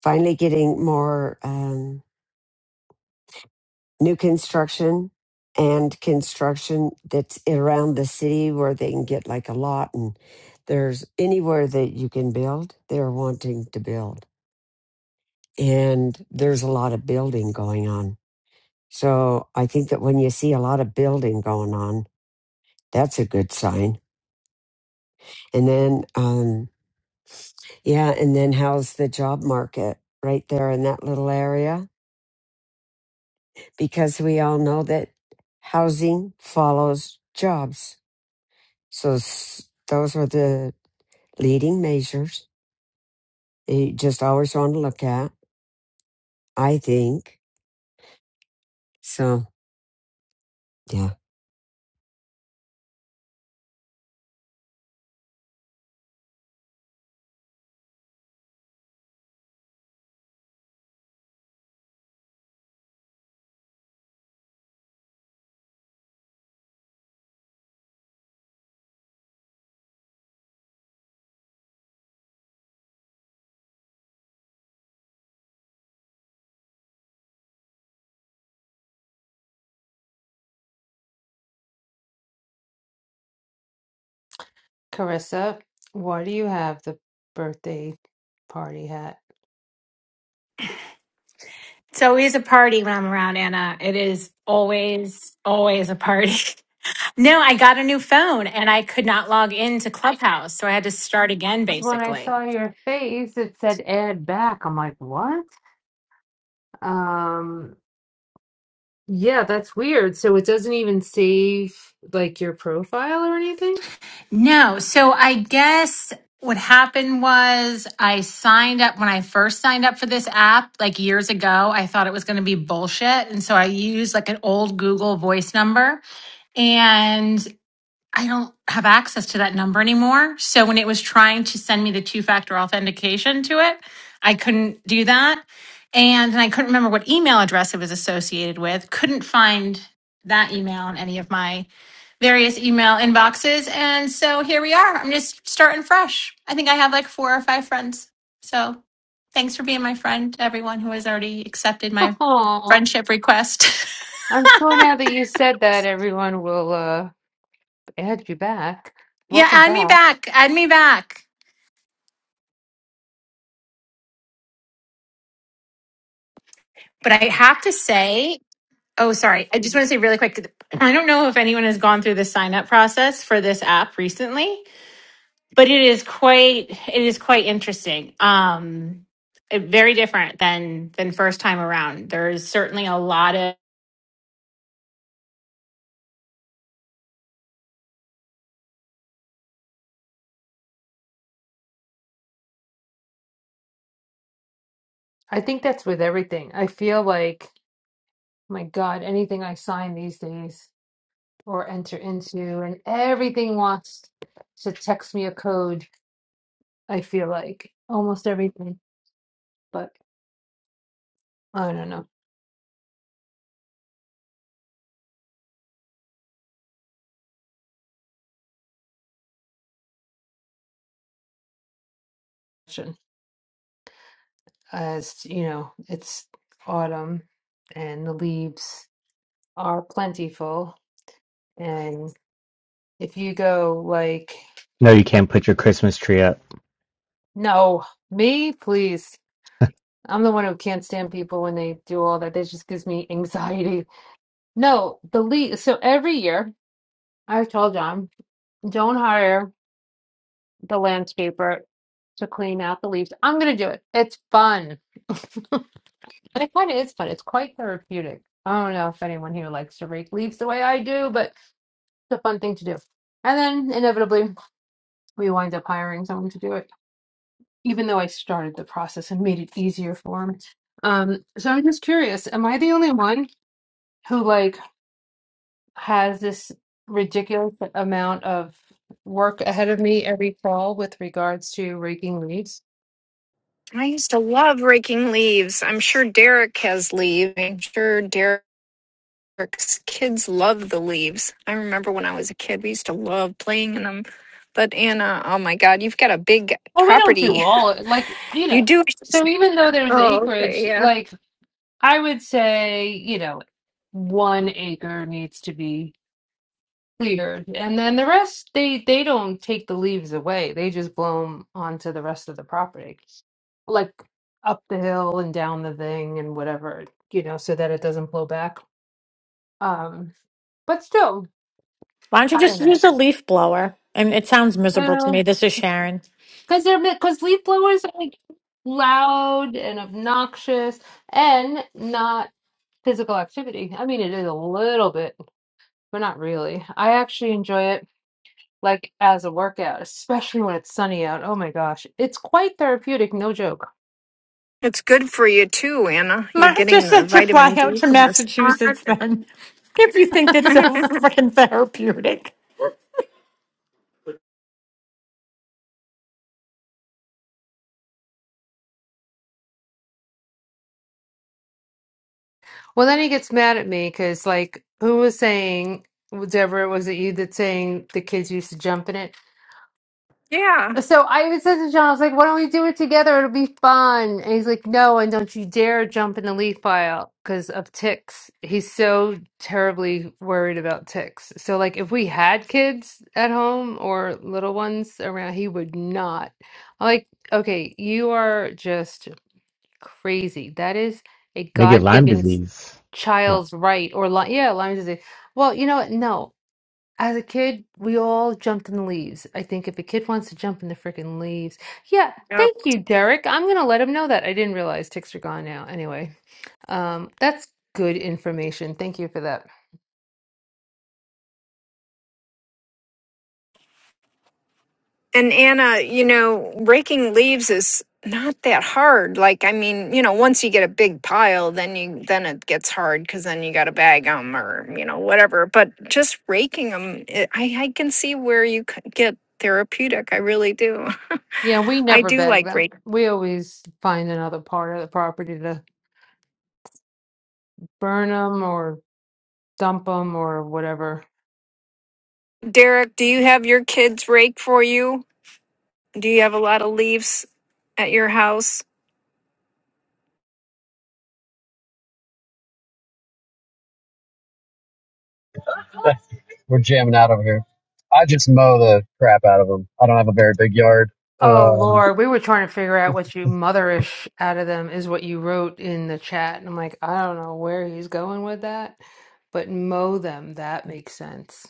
Speaker 6: Finally, getting more. Um, new construction and construction that's around the city where they can get like a lot and there's anywhere that you can build they're wanting to build and there's a lot of building going on so i think that when you see a lot of building going on that's a good sign and then um yeah and then how's the job market right there in that little area because we all know that housing follows jobs So s- those are the leading measures that you just always want to look at, I think. So, yeah,
Speaker 7: Carissa, why do you have the birthday party hat?
Speaker 8: It's always a party when I'm around Anna. It is always, always a party. no, I got a new phone and I could not log into Clubhouse. So I had to start again,
Speaker 7: Because when I
Speaker 8: basically.
Speaker 7: saw your face, it said add back. I'm like, what? Um, yeah, that's weird. So it doesn't even save like your profile or anything?
Speaker 8: No. So I guess what happened was I signed up when I first signed up for this app like years ago. I thought it was going to be bullshit. And so I used like an old Google voice number. and. I don't have access to that number anymore. So when it was trying to send me the two factor authentication to it, I couldn't do that. And, and I couldn't remember what email address it was associated with. Couldn't find that email in any of my various email inboxes. And so here we are. I'm just starting fresh. I think I have like four or five friends. So thanks for being my friend, everyone who has already accepted my
Speaker 7: Aw.
Speaker 8: friendship request.
Speaker 7: I'm sure now that you said that, everyone will uh Ed, you back.
Speaker 8: yeah,
Speaker 7: Welcome
Speaker 8: add me
Speaker 7: back.
Speaker 8: back. Add me back. But I have to say, Oh, sorry. I just want to say really quick. I don't know if anyone has gone through the sign up process for this app recently, but it is quite it is quite interesting. Um, it- very different than than first time around. There's certainly a lot of
Speaker 7: I think that's with everything. I feel like, my God, anything I sign these days or enter into, and everything wants to text me a code. I feel like almost everything, but I don't know. Shouldn't- As you know, it's autumn and the leaves are plentiful. And if you go like,
Speaker 5: No, you
Speaker 7: oh,
Speaker 5: can't put your Christmas tree up.
Speaker 7: no, me, please. I'm the one who can't stand people when they do all that. That just gives me anxiety. No, the lead. So every year, i told John, don't hire the landscaper to clean out the leaves. I'm gonna do it. It's fun. And it kind of is fun. It's quite therapeutic. I don't know if anyone here likes to rake leaves the way I do, but it's a fun thing to do. And then inevitably, we wind up hiring someone to do it, even though I started the process and made it easier for him. Um, so I'm just curious, am I the only one who like? has this ridiculous amount of work ahead of me every fall with regards to raking leaves.
Speaker 4: I used to love raking leaves. I'm sure Derek has leaves. I'm sure Derek. Kids love the leaves. I remember when I was a kid, we used to love playing in them. But Anna, oh my God, you've got a big
Speaker 7: Well, we don't do
Speaker 4: property.
Speaker 7: all like you
Speaker 4: You
Speaker 7: know.
Speaker 4: do.
Speaker 7: So even though there's
Speaker 4: Oh, okay,
Speaker 7: acreage,
Speaker 4: yeah.
Speaker 7: like I would say, you know, one acre needs to be cleared, and then the rest they they don't take the leaves away. They just blow them onto the rest of the property, like up the hill and down the thing and whatever, you know, so that it doesn't blow back. Um, but still
Speaker 9: Why don't you
Speaker 7: I don't
Speaker 9: just
Speaker 7: know.
Speaker 9: use a leaf blower? And it sounds miserable to
Speaker 7: Oh,
Speaker 9: me. This is Sharon.
Speaker 7: because they're because leaf blowers are like loud and obnoxious and not physical activity. I mean, it is a little bit, but not really. I actually enjoy it like as a workout, especially when it's sunny out. Oh my gosh, it's quite therapeutic, no joke.
Speaker 4: It's good for you too, Anna. You're
Speaker 9: Mark
Speaker 4: getting
Speaker 9: just
Speaker 4: the
Speaker 9: said to fly
Speaker 4: vitamin
Speaker 9: out
Speaker 4: D
Speaker 9: to
Speaker 4: from the sun.
Speaker 9: Massachusetts then, if you think that's so freaking therapeutic.
Speaker 7: Well, then he gets mad at me because like who was saying, Deborah, was it you that saying the kids used to jump in it?
Speaker 4: yeah.
Speaker 7: So I even said to John, I was like, why don't we do it together? It'll be fun. And he's like, no, and don't you dare jump in the leaf pile because of ticks. He's so terribly worried about ticks. So, like, if we had kids at home or little ones around, he would not. I'm like, okay, you are just crazy. That is a
Speaker 5: They get Lyme
Speaker 7: God-given
Speaker 5: disease. Well,
Speaker 7: child's right or li yeah, Lyme disease. Well, you know what? No. As a kid, we all jumped in the leaves. I think if a kid wants to jump in the freaking leaves, yeah,
Speaker 4: Yeah.
Speaker 7: thank you, Derek. I'm gonna let him know that. I didn't realize ticks are gone now. Anyway, um, that's good information. Thank you for that.
Speaker 4: And Anna, you know, raking leaves is not that hard. Like, I mean, you know, once you get a big pile, then you then it gets hard because then you got to bag them or you know whatever. But just raking them, I I can see where you c- get therapeutic. I really do.
Speaker 7: Yeah, we
Speaker 4: I
Speaker 7: never
Speaker 4: do
Speaker 7: bag
Speaker 4: like
Speaker 7: them.
Speaker 4: rake.
Speaker 7: We always find another part of the property to burn them or dump them or whatever.
Speaker 4: Derek, do you have your kids rake for you? Do you have a lot of leaves at your house?
Speaker 10: We're jamming out over here. I just mow the crap out of them. I don't have a very big yard.
Speaker 7: Oh
Speaker 10: Um,
Speaker 7: Lord, we were trying to figure out what you motherish out of them is what you wrote in the chat. And I'm like, I don't know where he's going with that, but mow them, that makes sense.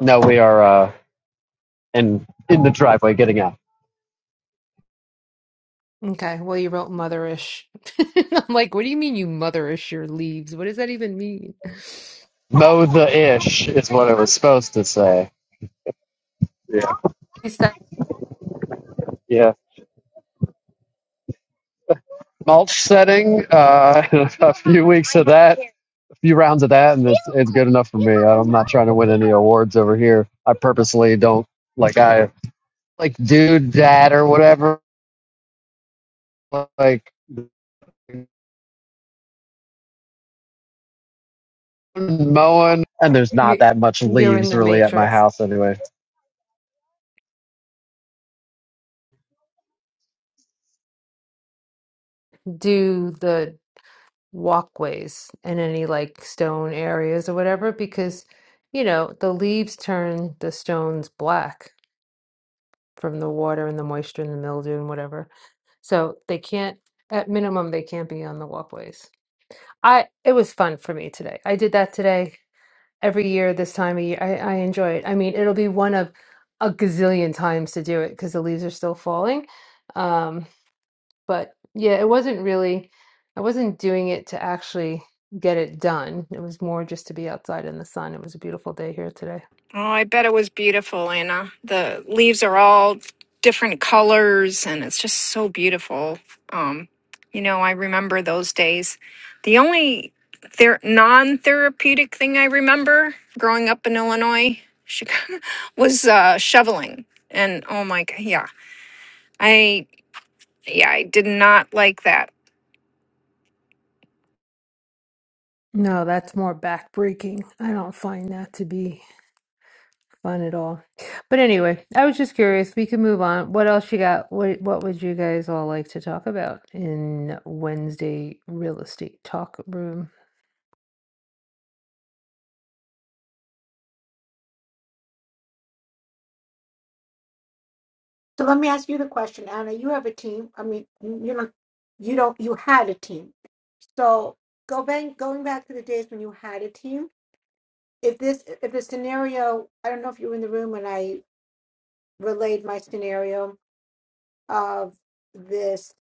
Speaker 10: no, we are uh, in in the driveway getting out.
Speaker 7: Okay, well you wrote motherish. I'm like, what do you mean you motherish your leaves? What does that even mean?
Speaker 10: Mow the ish is what it was supposed to say. Yeah,
Speaker 7: You sta-
Speaker 10: yeah. Mulch setting. Uh, a few weeks of that, a few rounds of that, and it's it's good enough for me. I'm not trying to win any awards over here. I purposely don't like I like do that or whatever. Like mowing, and there's not
Speaker 7: you-
Speaker 10: that much
Speaker 7: You're in
Speaker 10: leaves
Speaker 7: the
Speaker 10: really at my
Speaker 7: matrix.
Speaker 10: house anyway.
Speaker 7: Do the walkways and any like stone areas or whatever because you know the leaves turn the stones black from the water and the moisture and the mildew and whatever. So they can't, at minimum, they can't be on the walkways. I, it was fun for me today. I did that today every year this time of year. I, I enjoy it. I mean, it'll be one of a gazillion times to do it because the leaves are still falling. Um, but yeah, it wasn't really, I wasn't doing it to actually get it done. It was more just to be outside in the sun. It was a beautiful day here today.
Speaker 4: Oh, I bet it was beautiful, Anna. The leaves are all different colors and it's just so beautiful. Um, you know, I remember those days. The only ther- non therapeutic thing I remember growing up in Illinois Chicago, was uh, shoveling. And oh my, god, yeah, I, yeah, I did not like that.
Speaker 7: No, that's more backbreaking. I don't find that to be. fun at all. But anyway, I was just curious. We can move on. What else you got? What What would you guys all like to talk about in Wednesday real estate talk room?
Speaker 3: So let me ask you the question, Anna. You have a team. I mean, you you don't. You don't. You had a team. So go back. Going back to the days when you had a team. If this, if the scenario, I don't know if you were in the room when I relayed my scenario of this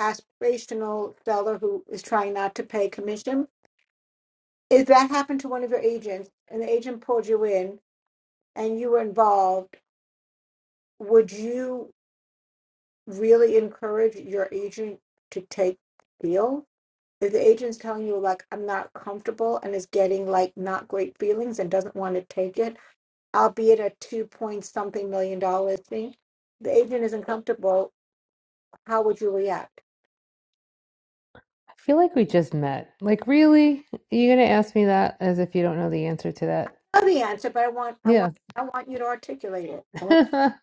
Speaker 3: aspirational seller who is trying not to pay commission. If that happened to one of your agents and the agent pulled you in and you were involved, would you really encourage your agent to take the deal? If the agent's telling you like I'm not comfortable and is getting like not great feelings and doesn't want to take it, albeit a two point something million dollar thing, the agent isn't comfortable, how would you react?
Speaker 7: I feel like we just met. Like, really? You're gonna ask me that as if you don't know the answer to that?
Speaker 3: I know the answer, but I want I
Speaker 7: Yeah.
Speaker 3: want I want you to articulate it.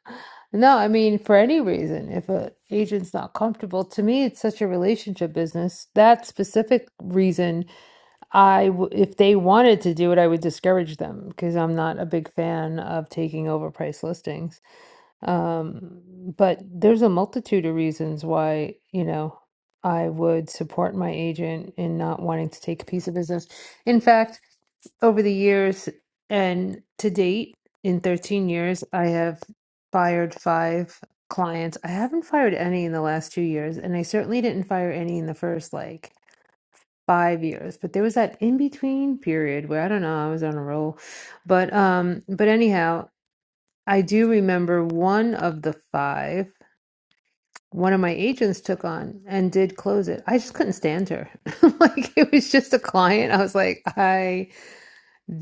Speaker 7: No, I mean for any reason. If a agent's not comfortable, to me, it's such a relationship business. That specific reason I w if they wanted to do it, I would discourage them because I'm not a big fan of taking over price listings. Um, but there's a multitude of reasons why, you know, I would support my agent in not wanting to take a piece of business. In fact, over the years and to date, in 13 years, I have fired five clients. I haven't fired any in the last two years, and I certainly didn't fire any in the first like five years, but there was that in between period where I don't know, I was on a roll. But um but anyhow, I do remember one of the five one of my agents took on and did close it. I just couldn't stand her. like it was just a client. I was like, I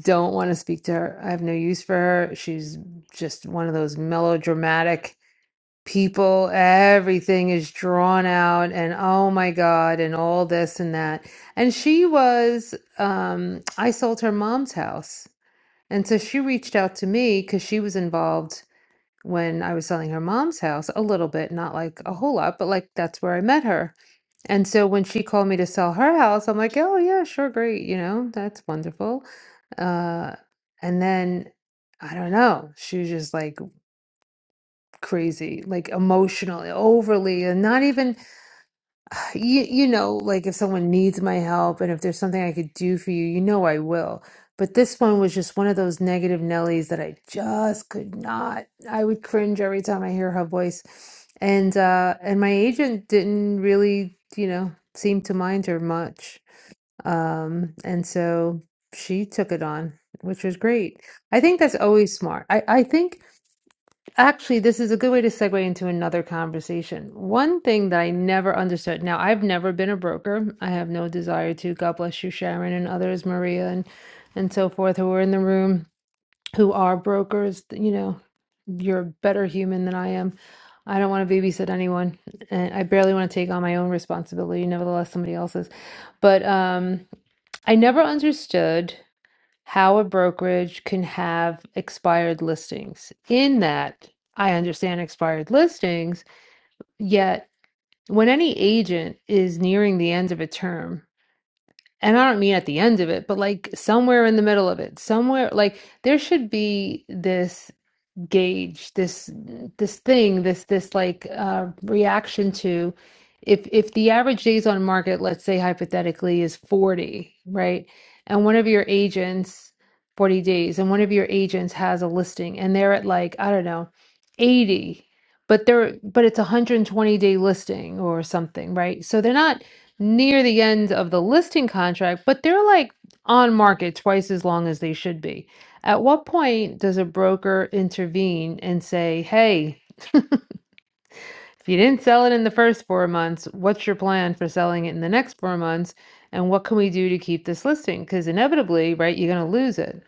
Speaker 7: don't want to speak to her. I have no use for her. She's just one of those melodramatic people everything is drawn out and oh my god and all this and that and she was um i sold her mom's house and so she reached out to me because she was involved when i was selling her mom's house a little bit not like a whole lot but like that's where i met her and so when she called me to sell her house i'm like oh yeah sure great you know that's wonderful uh and then i don't know she was just like crazy like emotionally overly and not even you, you know like if someone needs my help and if there's something i could do for you you know i will but this one was just one of those negative nellies that i just could not i would cringe every time i hear her voice and uh and my agent didn't really you know seem to mind her much um and so she took it on which was great i think that's always smart i i think Actually, this is a good way to segue into another conversation. One thing that I never understood. Now, I've never been a broker. I have no desire to. God bless you, Sharon and others, Maria and and so forth, who are in the room, who are brokers. You know, you're a better human than I am. I don't want to babysit anyone, and I barely want to take on my own responsibility. Nevertheless, somebody else's. But um, I never understood how a brokerage can have expired listings. In that, I understand expired listings, yet when any agent is nearing the end of a term, and I don't mean at the end of it, but like somewhere in the middle of it, somewhere like there should be this gauge this this thing this this like uh reaction to if if the average days on market let's say hypothetically is 40 right and one of your agents 40 days and one of your agents has a listing and they're at like i don't know 80 but they're but it's a 120 day listing or something right so they're not near the end of the listing contract but they're like on market twice as long as they should be at what point does a broker intervene and say, hey, if you didn't sell it in the first four months, what's your plan for selling it in the next four months? And what can we do to keep this listing? Because inevitably, right, you're going to lose it.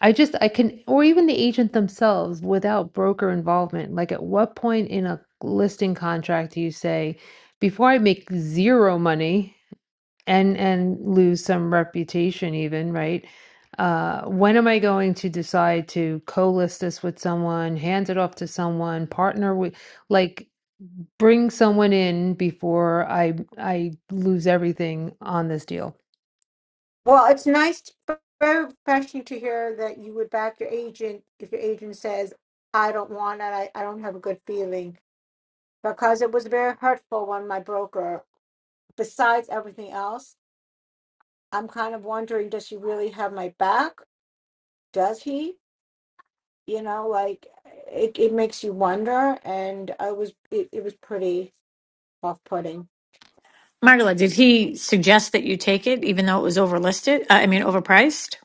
Speaker 7: I just, I can, or even the agent themselves without broker involvement. Like, at what point in a listing contract do you say, before I make zero money, and and lose some reputation even right uh when am i going to decide to co-list this with someone hand it off to someone partner with like bring someone in before i i lose everything on this deal
Speaker 3: Well, it's nice, to, very refreshing to hear that you would back your agent if your agent says, I don't want it, I, I don't have a good feeling. Because it was very hurtful when my broker, besides everything else, I'm kind of wondering, does she really have my back? Does he? You know, like it, it makes you wonder. And I was, it, it was pretty off putting.
Speaker 9: Margola, did he suggest that you take it, even though it was overlisted? Uh, I mean, overpriced.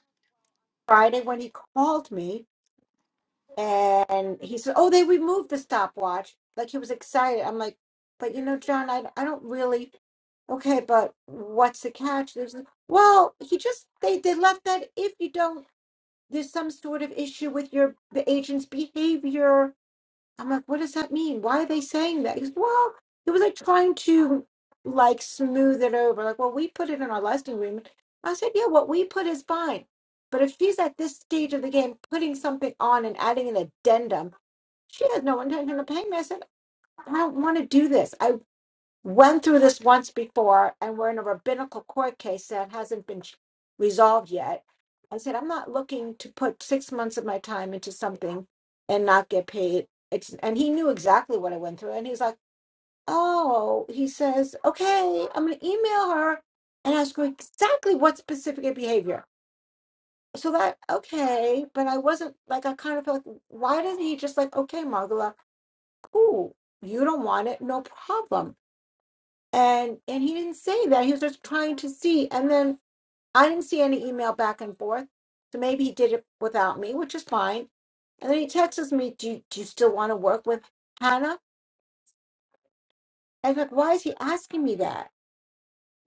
Speaker 3: Friday, when he called me, And he said, "Oh, they removed the stopwatch." Like he was excited. I'm like, "But you know, John, I I don't really okay, but what's the catch?" There's well, he just they they left that if you don't, there's some sort of issue with your the agent's behavior I'm like, what does that mean? Why are they saying that? He's, well, it was like trying to like smooth it over. Like, well, we put it in our listing agreement. I said, yeah, what we put is fine. But if she's at this stage of the game putting something on and adding an addendum, she has no intention of paying me. I said, I don't want to do this. I went through this once before and we're in a rabbinical court case that hasn't been ch- resolved yet. I said, I'm not looking to put six months of my time into something and not get paid. It's, and he knew exactly what I went through. And he's like, Oh, he says, okay, I'm going to email her and ask her exactly what specific behavior. So that, okay, but I wasn't like, I kind of felt, why doesn't he just like, okay, Margola, cool, you don't want it, no problem and and he didn't say that he was just trying to see and then i didn't see any email back and forth so maybe he did it without me which is fine and then he texts me do you, do you still want to work with hannah i and like why is he asking me that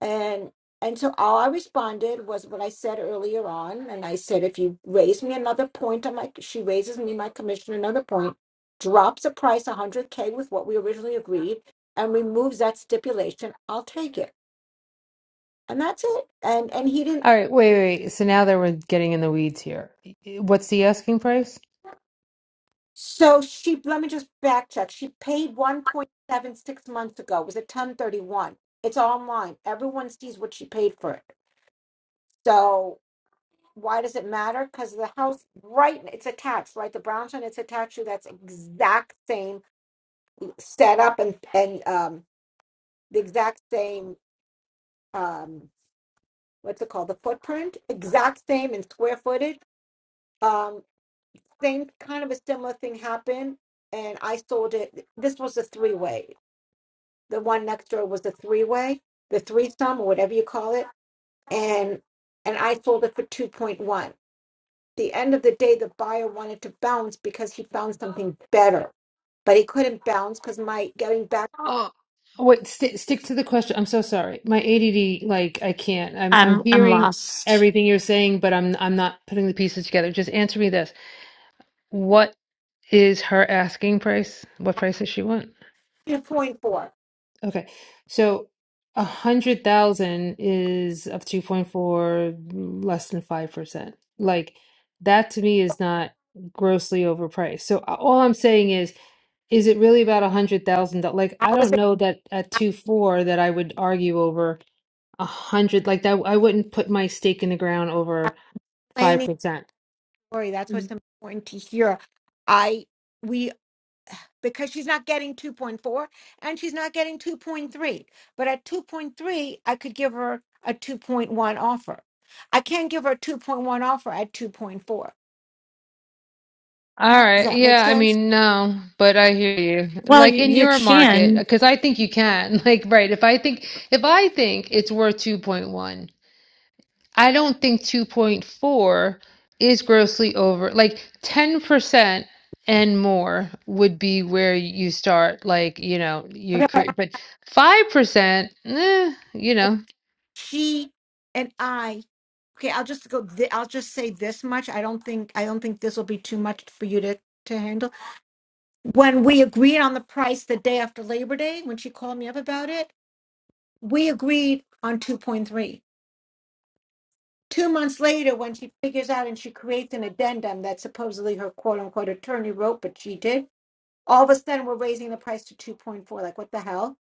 Speaker 3: and and so all i responded was what i said earlier on and i said if you raise me another point on my she raises me my commission another point drops the price 100k with what we originally agreed and removes that stipulation i'll take it and that's it. And and he didn't.
Speaker 7: all right wait wait wait. so now that we're getting in the weeds here what's the asking price
Speaker 3: So she let me just backtrack. She paid one point seven six months ago. It was at ten thirty one. It's online. Everyone sees what she paid for it. So why does it matter? Because the house right, it's attached, right? The brownstone, it's attached to that's exact same setup and and um the exact same um what's it called? The footprint, exact same in square footage. Um. same kind of a similar thing happened and I sold it. This was a three way. The one next door was a three way, the threesome or whatever you call it. And and I sold it for two point one. The end of the day the buyer wanted to bounce because he found something better. But he couldn't bounce because my getting back
Speaker 7: Oh, wait st- stick to the question i'm so sorry my add like i can't i'm i'm
Speaker 9: I'm I'm
Speaker 7: hearing
Speaker 9: lost.
Speaker 7: everything you're saying but i'm i'm not putting the pieces together just answer me this What is her asking price? What price does she want?
Speaker 3: to point four.
Speaker 7: Okay. So a hundred thousand is of 2.4, less than 5%. Like that to me is not grossly overpriced. So a- all I'm saying is, is it really about a hundred thousand? That like,
Speaker 3: I
Speaker 7: I
Speaker 3: was
Speaker 7: don't know that at two four that I would argue over a hundred, like that. I wouldn't put my stake in the ground over
Speaker 3: explaining the
Speaker 7: 5%.
Speaker 3: story. That's what's
Speaker 7: Mm.
Speaker 3: important to hear. I we because she's not getting 2.4 and she's not getting 2.3. But at 2.3, I could give her a 2.1 offer. I can't give her a 2.1 offer at 2.4.
Speaker 7: All
Speaker 3: Does
Speaker 7: right.
Speaker 3: that make
Speaker 7: Yeah, I
Speaker 3: sense?
Speaker 7: mean, no, but I hear you.
Speaker 9: Well,
Speaker 7: Like
Speaker 9: you,
Speaker 7: in
Speaker 9: you
Speaker 7: your market,
Speaker 9: can.
Speaker 7: because I think you can. Like, right, if I think if I think it's worth 2.1 I don't think 2.4 is grossly over. Like 10% and more would be where you start, like, you know, you
Speaker 3: Okay.
Speaker 7: create, but 5%, eh, you know.
Speaker 3: She and I. Okay, I'll just go. Th- I'll just say this much. I don't think. I don't think this will be too much for you to to handle. When we agreed on the price the day after Labor Day, when she called me up about it, we agreed on 2.3 Two months later, when she figures out and she creates an addendum that supposedly her quote unquote attorney wrote, but she did, all of a sudden we're raising the price to 2.4. Like, what the hell?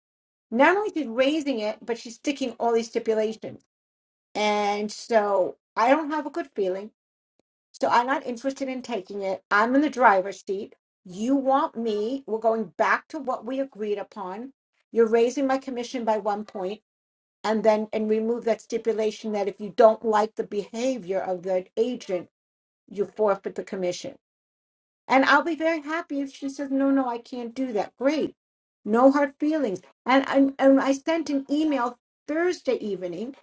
Speaker 3: Not only she's raising it, but she's sticking all these stipulations. And so I don't have a good feeling. So I'm not interested in taking it. I'm in the driver's seat. You want me. We're going back to what we agreed upon. You're raising my commission by one point and then and remove that stipulation that if you don't like the behavior of the agent you forfeit the commission. And I'll be very happy if she says, no, no, I can't do that. Great. No hard feelings. And, and, and I sent an email Thursday evening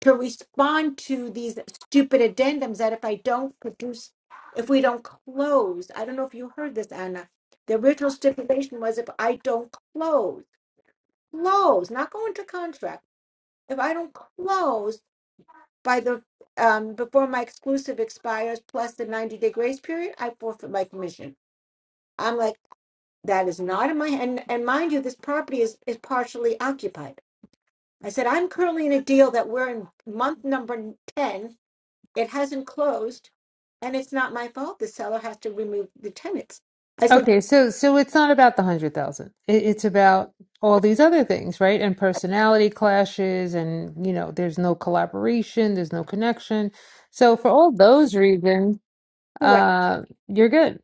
Speaker 3: to respond to these stupid addendums that if I don't produce, if we don't close, I don't know if you heard this, Anna. The original stipulation was if I don't close, close, not go into contract. If I don't close, by the um before my exclusive expires plus the 90 day grace period i forfeit my commission i'm like that is not in my and and mind you this property is is partially occupied i said i'm currently in a deal that we're in month number 10 it hasn't closed and it's not my fault the seller has to remove the tenants i said
Speaker 7: Okay, so so it's not about the hundred thousand. It, it's about all these other things, right? And personality clashes, and you know, there's no collaboration, there's no connection. So for all those reasons,
Speaker 3: correct
Speaker 7: uh, you're good.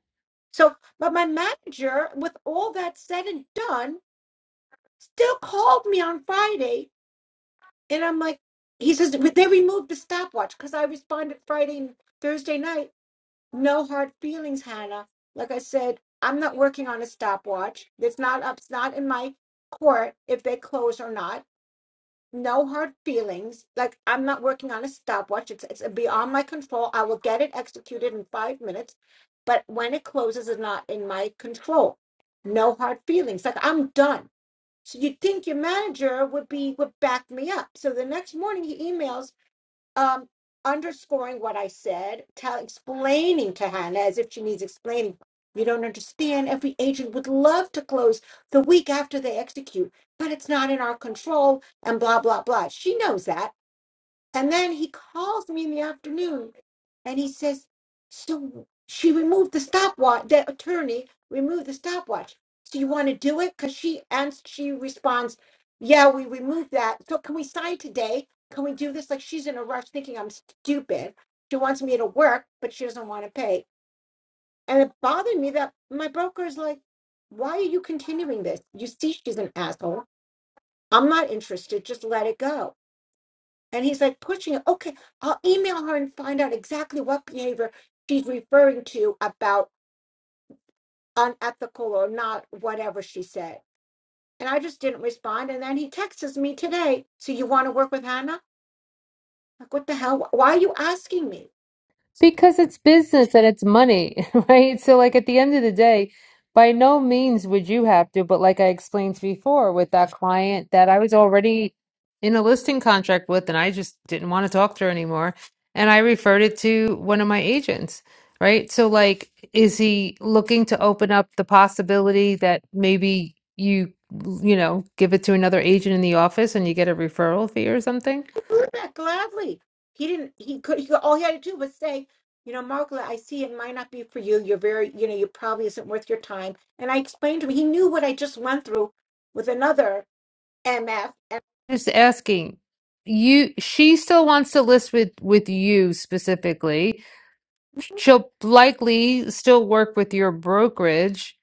Speaker 3: so but my manager with all that said and done still called me on friday And I'm like, he says, "But they removed the stopwatch because I responded Friday and Thursday night. No hard feelings, Hannah. Like I said, I'm not working on a stopwatch. It's not up, it's not in my court if they close or not. No hard feelings. Like I'm not working on a stopwatch. It's it's beyond my control. I will get it executed in five minutes, but when it closes is not in my control. No hard feelings. Like I'm done. So you'd think your manager would be would back me up. So the next morning he emails um underscoring what I said, tell explaining to Hannah as if she needs explaining. You don't understand. Every agent would love to close the week after they execute, but it's not in our control and blah blah blah. She knows that. And then he calls me in the afternoon and he says, So she removed the stopwatch, the attorney removed the stopwatch. So you want to do it? Because she ans she responds, Yeah, we removed that. So can we sign today? Can we do this? Like she's in a rush thinking I'm stupid. She wants me to work, but she doesn't want to pay. And it bothered me that my broker is like, Why are you continuing this? You see, she's an asshole. I'm not interested. Just let it go. And he's like pushing it. Okay, I'll email her and find out exactly what behavior she's referring to about unethical or not, whatever she said. And I just didn't respond. And then he texts me today. So you want to work with Hannah? Like, what the hell? Why are you asking me?
Speaker 7: Because it's business and it's money, right? So, like, at the end of the day, by no means would you have to, but like I explained before with that client that I was already in a listing contract with and I just didn't want to talk to her anymore. And I referred it to one of my agents, right? So, like, is he looking to open up the possibility that maybe you, you know, give it to another agent in the office and you get a referral fee or something?
Speaker 3: I do that gladly. He didn't, he could, he, could- all he had to do was say, you know, Margaret, I see it might not be for you. You're very, you know, you probably isn't worth your time. And I explained to him, he knew what I just went through with another MF.
Speaker 7: Just asking. You, she still wants to list with with you specifically. She'll likely still work with your brokerage.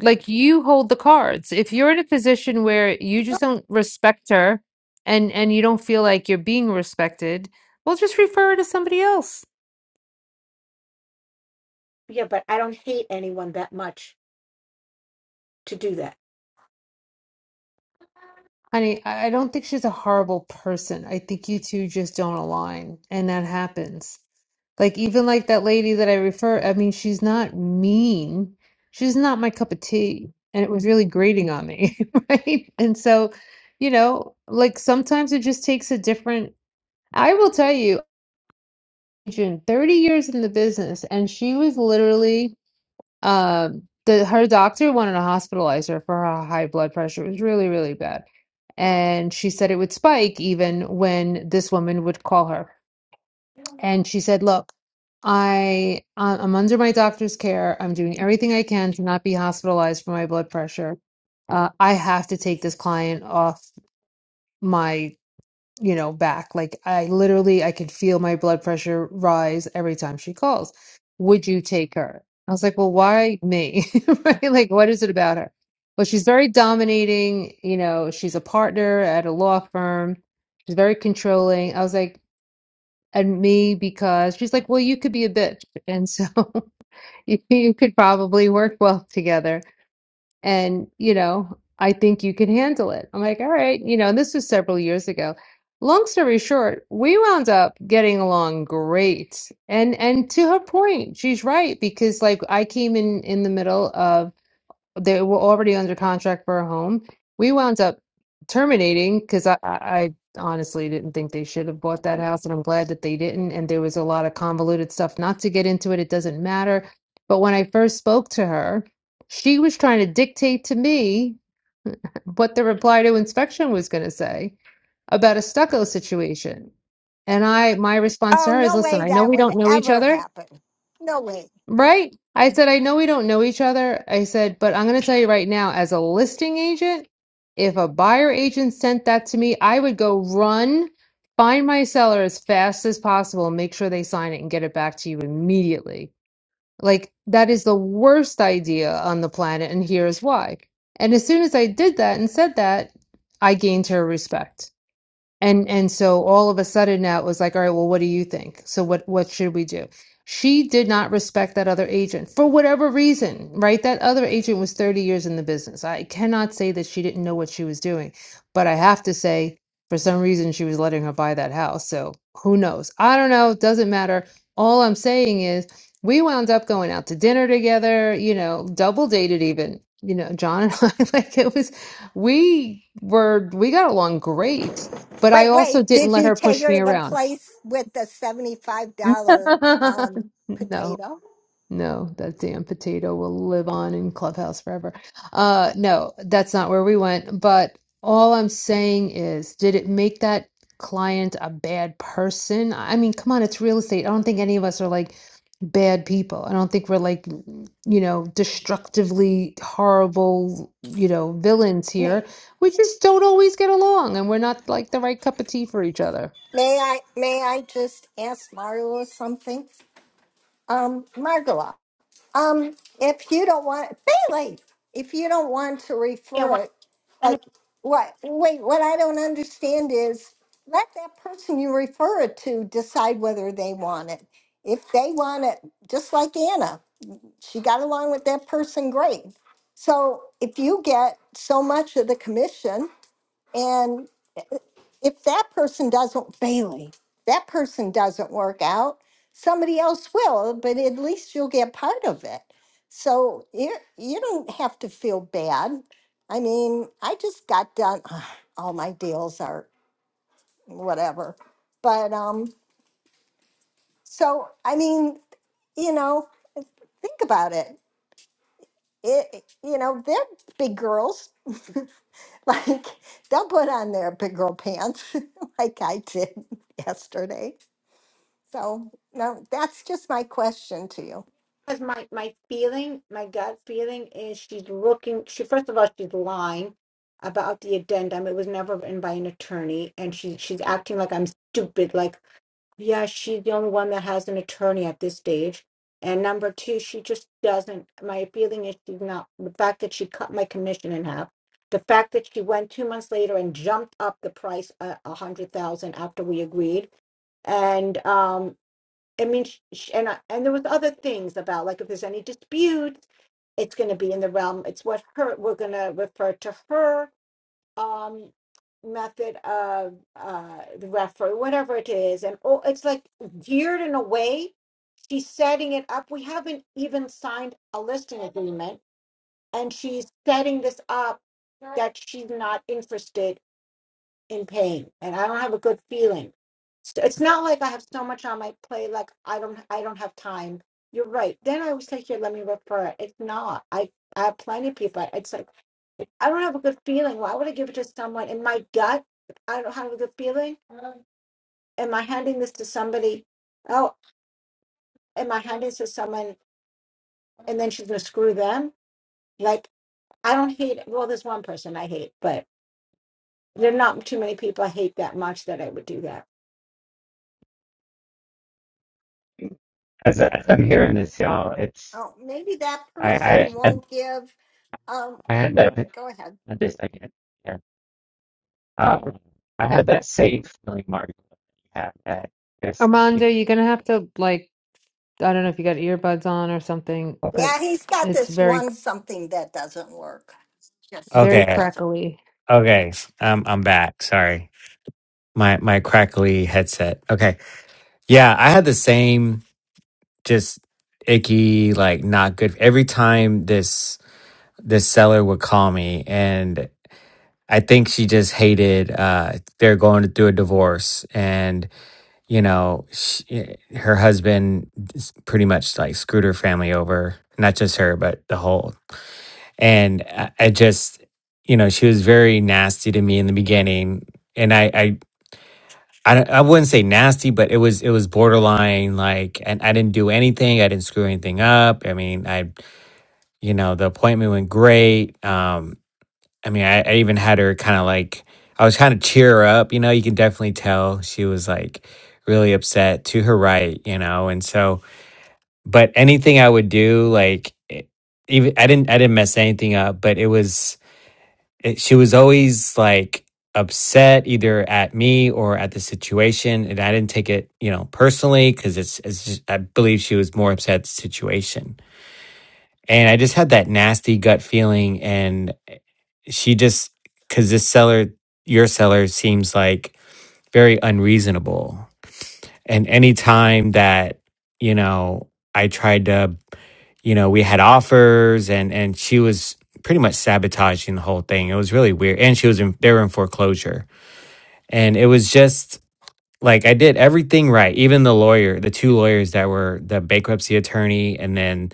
Speaker 7: Like you hold the cards. If you're in a position where you just don't respect her and and you don't feel like you're being respected, well, just refer her to somebody else.
Speaker 3: Yeah, but I don't hate anyone that much to do that.
Speaker 7: Honey, I I don't think she's a horrible person. I think you two just don't align, and that happens. Like even like that lady that I refer, I mean, she's not mean. She's not my cup of tea, and it was really grating on me, right? And so, you know, like sometimes it just takes a different. I will tell you, June, 30 years in the business, and she was literally um, the her doctor wanted to hospitalize her for her high blood pressure. It was really, really bad. And she said it would spike even when this woman would call her. And she said, "Look, I I- I'm under my doctor's care. I'm doing everything I can to not be hospitalized for my blood pressure. Uh, I have to take this client off." my." you know, back. Like I literally I could feel my blood pressure rise every time she calls. Would you take her? I was like, well, why me? Right? Like, what is it about her? Well, she's very dominating, you know, she's a partner at a law firm. She's very controlling. I was like, and me because she's like, well, you could be a bitch. And so you, you could probably work well together and you know i think you can handle it i'm like all right you know and this was several years ago long story short we wound up getting along great and and to her point she's right because like i came in in the middle of they were already under contract for a home. We wound up terminating because I, I I honestly didn't think they should have bought that house, and I'm glad that they didn't. And there was a lot of convoluted stuff. Not to get into it, it doesn't matter. But when I first spoke to her, she was trying to dictate to me what the reply to inspection was going to say about a stucco situation. And I, my response to
Speaker 11: Oh,
Speaker 7: her is,
Speaker 11: no
Speaker 7: listen,
Speaker 11: way
Speaker 7: I know
Speaker 11: that
Speaker 7: we
Speaker 11: would
Speaker 7: don't know each
Speaker 11: ever
Speaker 7: other.
Speaker 11: happen. No way.
Speaker 7: Right? I said, I know we don't know each other. I said, but I'm going to tell you right now, as a listing agent, if a buyer agent sent that to me, I would go run, find my seller as fast as possible, and make sure they sign it and get it back to you immediately. Like, that is the worst idea on the planet, and here's why. And as soon as I did that and said that, I gained her respect. And and so all of a sudden now it was like, all right, well, what do you think? So what what should we do? She did not respect that other agent for whatever reason, right? That other agent was 30 years in the business. I cannot say that she didn't know what she was doing, but I have to say for some reason she was letting her buy that house. So who knows? I don't know, it doesn't matter. All I'm saying is we wound up going out to dinner together, you know, double dated even. You know, John and I, like it was, we were, we got along great but I
Speaker 11: Wait,
Speaker 7: also
Speaker 11: wait.
Speaker 7: didn't
Speaker 11: Did
Speaker 7: let
Speaker 11: you
Speaker 7: her
Speaker 11: take
Speaker 7: push
Speaker 11: her
Speaker 7: me
Speaker 11: to the
Speaker 7: around.
Speaker 11: place with the seventy-five dollar um
Speaker 7: no,
Speaker 11: potato?
Speaker 7: no, that damn potato will live on in Clubhouse forever. Uh, no, that's not where we went. But all I'm saying is, did it make that client a bad person? I mean, come on, it's real estate. I don't think any of us are like bad people. I don't think we're like, you know, destructively horrible, you know, villains here.
Speaker 11: May,
Speaker 7: We just don't always get along and we're not like the right cup of tea for each other.
Speaker 11: May I may I just ask Margola something? Um, Margola, um, if you don't want Bailey, if you don't want to
Speaker 3: Yeah, why?
Speaker 11: refer it,
Speaker 3: And
Speaker 11: like
Speaker 3: it's
Speaker 11: what wait, what I don't understand is let that person you refer it to decide whether they want it. If they want it, just like Anna. she got along with that person great. So if you get so much of the commission, and eh, if that person doesn't, Bailey, that person doesn't work out, somebody else will, but at least you'll get part of it. So you you don't have to feel bad. I mean, I just got done. Ugh, all my deals are whatever, but um, so I mean, you know, think about it. it you know they're big girls like they'll put on their big girl pants like i did yesterday so no that's just my question to you
Speaker 3: because my my feeling, my gut feeling is she's looking. She first of all, she's lying about the addendum. It was never written by an attorney, and she she's acting like I'm stupid. Like Yeah, she's the only one that has an attorney at this stage. And number two, she just doesn't. My feeling is she's not. The fact that she cut my commission in half, the fact that she went two months later and jumped up the price a, a hundred thousand after we agreed, and um, I mean, sh sh and I, and there was other things about like if there's any disputes, it's going to be in the realm. It's what her we're going to refer to her um method of uh the referee, whatever it is, and oh, it's like geared in a way. She's setting it up. We haven't even signed a listing agreement, and she's setting this up that she's not interested in paying, and I don't have a good feeling. So it's not like I have so much on my plate, like I don't, I don't have time. You're right. Then I was like, here, let me refer. it. It's not. I, I have plenty of people. It's like I don't have a good feeling. Why would I give it to someone in my gut? I don't have a good feeling. Am I handing this to somebody? Oh, am I handing this to someone and then she's going to screw them? Like, I don't hate, well, there's one person I hate, but there are not too many people I hate that much that I would do that.
Speaker 5: As, I- as I'm hearing this, y'all, it's
Speaker 11: oh maybe that
Speaker 5: I I
Speaker 11: person
Speaker 5: I,
Speaker 11: won't give um
Speaker 5: I had that.
Speaker 11: go ahead
Speaker 5: I just I can't. Um, I had that same feeling Margaret had at this. Thank you.
Speaker 7: Armando, you're gonna have to like I don't know if you got earbuds on or something, but
Speaker 11: yeah he's got
Speaker 7: it's
Speaker 11: this
Speaker 7: very
Speaker 11: one something that doesn't work just
Speaker 7: very
Speaker 5: Okay.
Speaker 11: doesn't
Speaker 7: crackly.
Speaker 5: Okay. s- Um, I'm back. Sorry. My my crackly headset. Okay. Yeah, I had the same just icky, like not good every time this this seller would call me and I think she just hated uh they're going through a divorce and you know she, her husband s- pretty much like screwed her family over not just her but the whole and I, I just you know she was very nasty to me in the beginning and I, I i don't- i wouldn't say nasty but it was it was borderline like and i didn't do anything i didn't screw anything up i mean i you know the appointment went great um i mean i, I even had her kind of like i was kind of cheer her up you know you can definitely tell she was like really upset to her right you know and so but anything i would do like it- even i didn't i didn't mess anything up but it was it, she was always like upset either at me or at the situation and i didn't take it you know personally because it's, it's just, i believe she was more upset at the situation and i just had that nasty gut feeling and she just because this seller your seller seems like very unreasonable and any time that, you know, I tried to, you know, we had offers and and she was pretty much sabotaging the whole thing. It was really weird. And she was in they were in foreclosure. And it was just like I did everything right. Even the lawyer, the two lawyers that were the bankruptcy attorney and then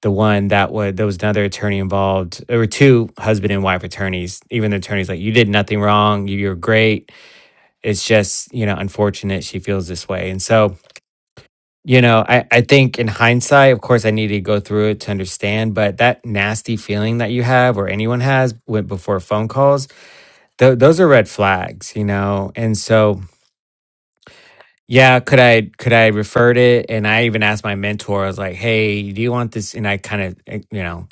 Speaker 5: the one that was there was another attorney involved. There were two husband and wife attorneys. Even the attorney's like, You did nothing wrong, you, you're great. It's just, you know, unfortunate she feels this way. And so you know, I, I think in hindsight, of course, I needed to go through it to understand, but that nasty feeling that you have or anyone has went before phone calls, th- those are red flags, you know? And so, yeah, could I, could I referred it? And I even asked my mentor, I was like, Hey, do you want this? And I kind of, eh, you know,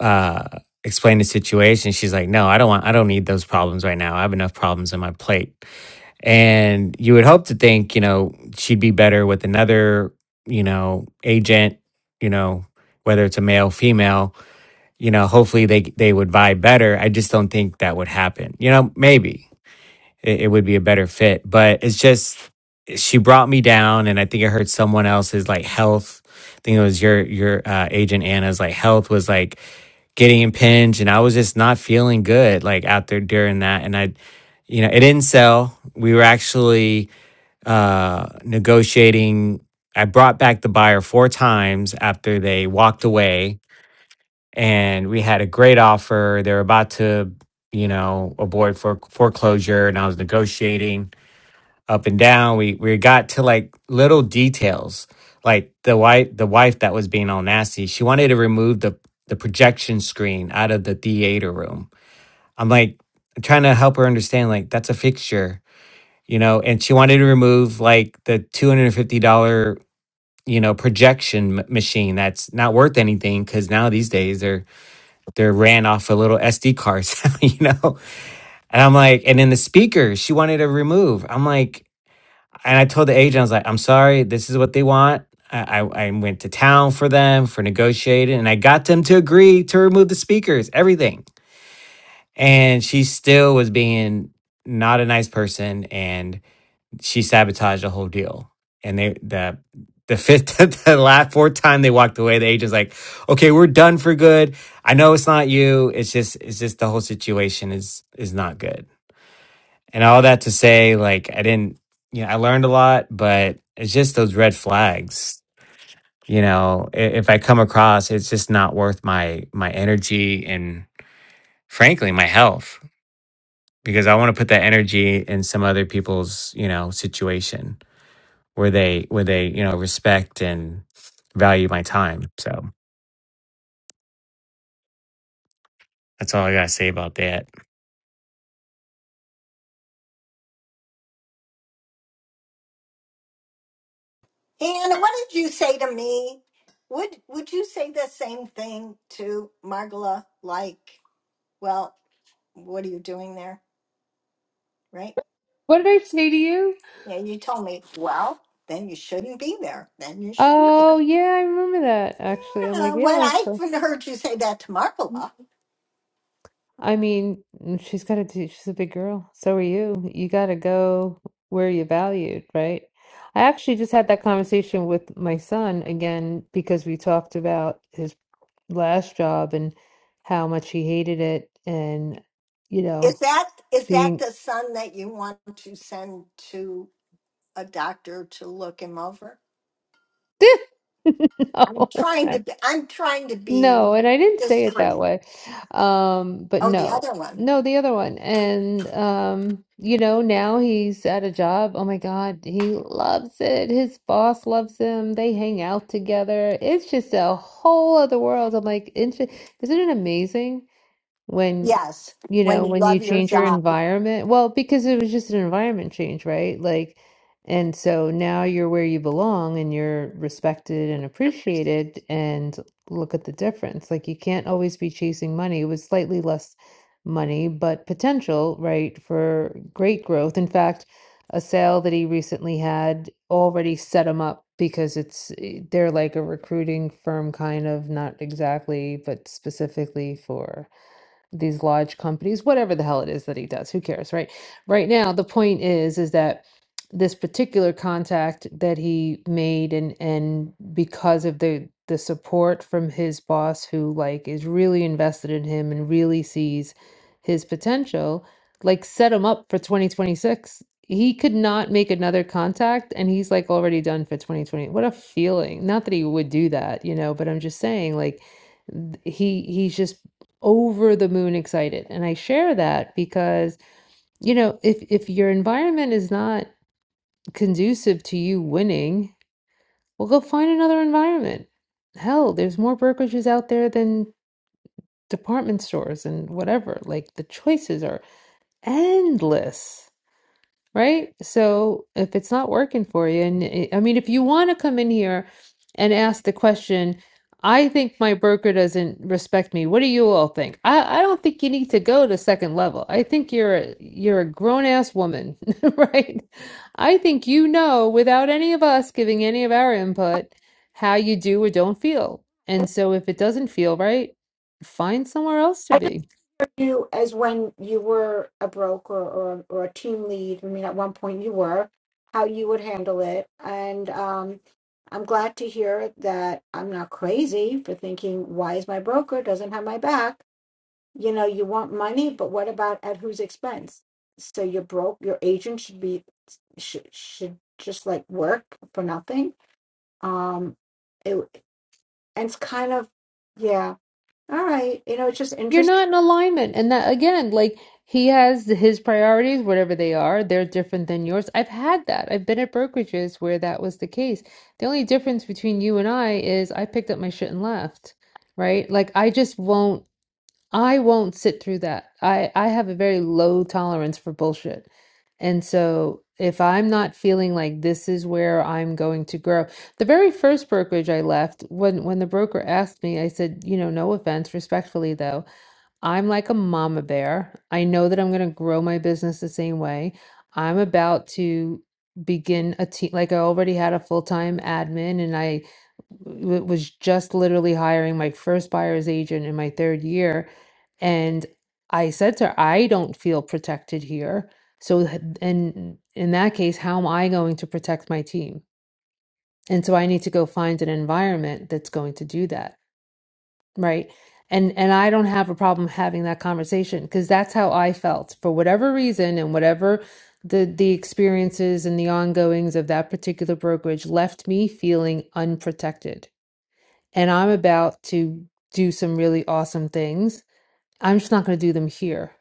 Speaker 5: uh, explained the situation. She's like, no, I don't want, I don't need those problems right now. I have enough problems on my plate. And you would hope to think, you know, she'd be better with another, you know, agent, you know, whether it's a male, female, you know, hopefully they they would vibe better. I just don't think that would happen. You know, maybe it, it would be a better fit, but it's just she brought me down and I think I heard someone else's like health. I think it was your your uh, agent Anna's like health was like getting impinged and I was just not feeling good like out there during that and I you know, it didn't sell. We were actually uh, negotiating. I brought back the buyer four times after they walked away, and we had a great offer. They were about to, you know, avoid fore- foreclosure, and I was negotiating up and down. We we got to like little details, like the wife the wife that was being all nasty. She wanted to remove the the projection screen out of the theater room. I'm like trying to help her understand, like that's a fixture you know, and she wanted to remove like the $250, you know, projection m- machine that's not worth anything because now these days they're they're ran off of little SD cards, you know. And I'm like, and then the speaker she wanted to remove. I'm like, and I told the agent, I was like, I'm sorry, this is what they want. I, I I went to town for them for negotiating and I got them to agree to remove the speakers, everything. And she still was being not a nice person. And she sabotaged the whole deal. And they the the fifth the last fourth time they walked away, the agent's like, Okay, we're done for good. I know it's not you. It's just it's just the whole situation is is not good. And all that to say, like I didn't you know, I learned a lot, but it's just those red flags. You know, i- if I come across, it's just not worth my my energy and frankly my health because I want to put that energy in some other people's, you know, situation where they where they you know respect and value my time. So that's all I gotta say about that.
Speaker 11: Anna, what did you say to me would would you say the same thing to margola like well what are you doing there right
Speaker 7: What did I say to you?
Speaker 11: And you told me, well, then you shouldn't be there. Then you should leave.
Speaker 7: Oh yeah, I remember that actually. I'm like,
Speaker 11: Uh, when I
Speaker 7: yeah.
Speaker 11: even heard you say that to Margola,
Speaker 7: I mean, mm, she's got to do, she's a big girl. So are you. You got to go where you're valued, right? I actually just had that conversation with my son again because we talked about his last job and how much he hated it and, you
Speaker 11: is
Speaker 7: know,
Speaker 11: that is that
Speaker 7: being.
Speaker 11: the son that you want to send to a doctor to look him over? I'm
Speaker 7: No.
Speaker 11: trying to be, I'm trying to be
Speaker 7: No, and I didn't say it that
Speaker 11: discreet.
Speaker 7: way. Um, but
Speaker 11: Oh, the
Speaker 7: no.
Speaker 11: other one.
Speaker 7: No, the other one. And um, you know, now he's at a job. Oh my God, he loves it. His boss loves him. They hang out together. It's just a whole other world. I'm like, isn't isn't it amazing? when
Speaker 11: Yes,
Speaker 7: you
Speaker 11: when
Speaker 7: know
Speaker 11: you
Speaker 7: when you
Speaker 11: love your
Speaker 7: change your
Speaker 11: job.
Speaker 7: environment well because it was just an environment change right like and so now you're where you belong and you're respected and appreciated and look at the difference like you can't always be chasing money it was slightly less money but potential right for great growth in fact a sale that he recently had already set him up because it's eh, they're like a recruiting firm kind of not exactly but specifically for these large companies, whatever the hell it is that he does, who cares, right? Right now, the point is is that this particular contact that he made and and because of the the support from his boss who like is really invested in him and really sees his potential, like set him up for 2026. He could not make another contact and he's like already done for 2020. What a feeling. Not that he would do that, you know, but I'm just saying like th- he he's just over the moon excited. And I share that because, you know, if if your environment is not conducive to you winning, well, go find another environment. Hell, there's more brokerages out there than department stores and whatever. Like the choices are endless. Right? So if it's not working for you, and it- I mean, if you want to come in here and ask the question, I think my broker doesn't respect me. What do you all think? I, I don't think you need to go to second level. I think you're a, you're a grown ass woman, right? I think you know without any of us giving any of our input how you do or don't feel. And so if it doesn't feel right, find somewhere else to be.
Speaker 3: you as when you were a broker or or a team lead. I mean, at one point you were, how you would handle it. And um, I'm glad to hear that I'm not crazy for thinking, why is my broker doesn't have my back? You know, you want money, but what about at whose expense? So your broke your agent should be should should just like work for nothing. Um, it and it's kind of yeah. All right, you know, it's just interesting
Speaker 7: you're not in alignment and that again like he has his priorities whatever they are they're different than yours i've had that i've been at brokerages where that was the case the only difference between you and i is i picked up my shit and left right like i just won't i won't sit through that i i have a very low tolerance for bullshit and so if i'm not feeling like this is where i'm going to grow the very first brokerage i left when when the broker asked me i said you know no offense respectfully though I'm like a mama bear. I know that I'm going to grow my business the same way. I'm about to begin a team. Like I already had a full-time admin and I w- was just literally hiring my first buyer's agent in my third year. And I said to her, I don't feel protected here. So, h- and in that case, how am I going to protect my team? And so I need to go find an environment that's going to do that right and and i don't have a problem having that conversation because that's how i felt for whatever reason and whatever the the experiences and the ongoings of that particular brokerage left me feeling unprotected and i'm about to do some really awesome things i'm just not going to do them here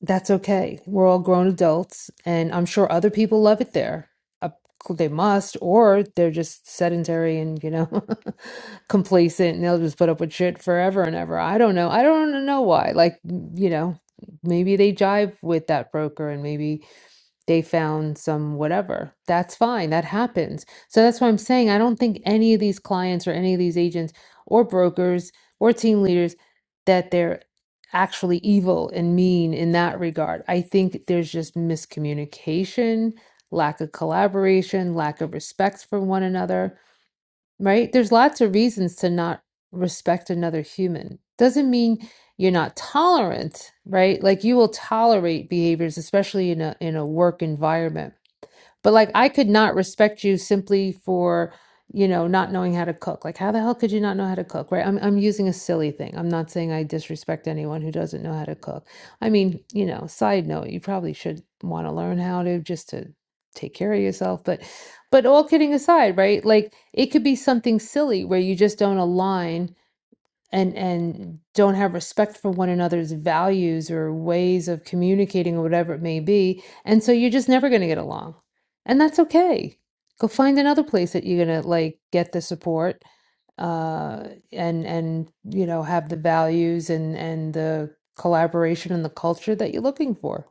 Speaker 7: that's okay. We're all grown adults, and I'm sure other people love it there. Uh, They must, or they're just sedentary and, you know, complacent, and they'll just put up with shit forever and ever. I don't know. I don't know why. Like, you know, maybe they jive with that broker, and maybe they found some whatever. That's fine. That happens. So that's why I'm saying I don't think any of these clients or any of these agents or brokers or team leaders that they're actually evil and mean in that regard. I think there's just miscommunication, lack of collaboration, lack of respect for one another right? There's lots of reasons to not respect another human. Doesn't mean you're not tolerant, right? Like you will tolerate behaviors, especially in a in a work environment but like I could not respect you simply for, you know, not knowing how to cook. Like how the hell could you not know how to cook, right? I'm I'm using a silly thing. I'm not saying I disrespect anyone who doesn't know how to cook. I mean, you know, side note, you probably should want to learn how to just to take care of yourself, but but all kidding aside, right? Like it could be something silly where you just don't align and and don't have respect for one another's values or ways of communicating or whatever it may be and so you're just never going to get along and that's okay go find another place that you're going to like get the support uh and and you know have the values and and the collaboration and the culture that you're looking for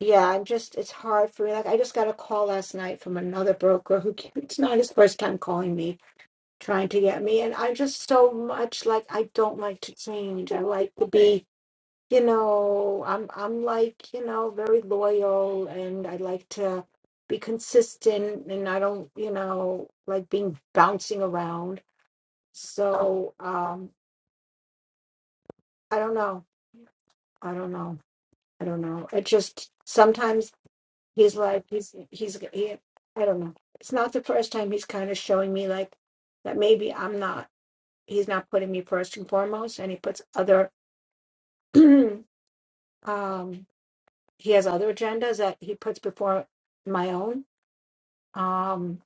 Speaker 3: Yeah, I'm just, it's hard for me. Like, I just got a call last night from another broker who, ca- it's not his first time calling me, trying to get me. And I'm just so much like, I don't like to change. I like to be, you know, I'm, I'm like, you know, very loyal and I like to be consistent and I don't, you know, like being bouncing around. So, um, I don't know. I don't know. I don't know. It just, sometimes. He's like he's he's he, I don't know. It's not the first time he's kind of showing me like that maybe I'm not he's not putting me first and foremost and he puts other um he has other agendas that he puts before my own. Um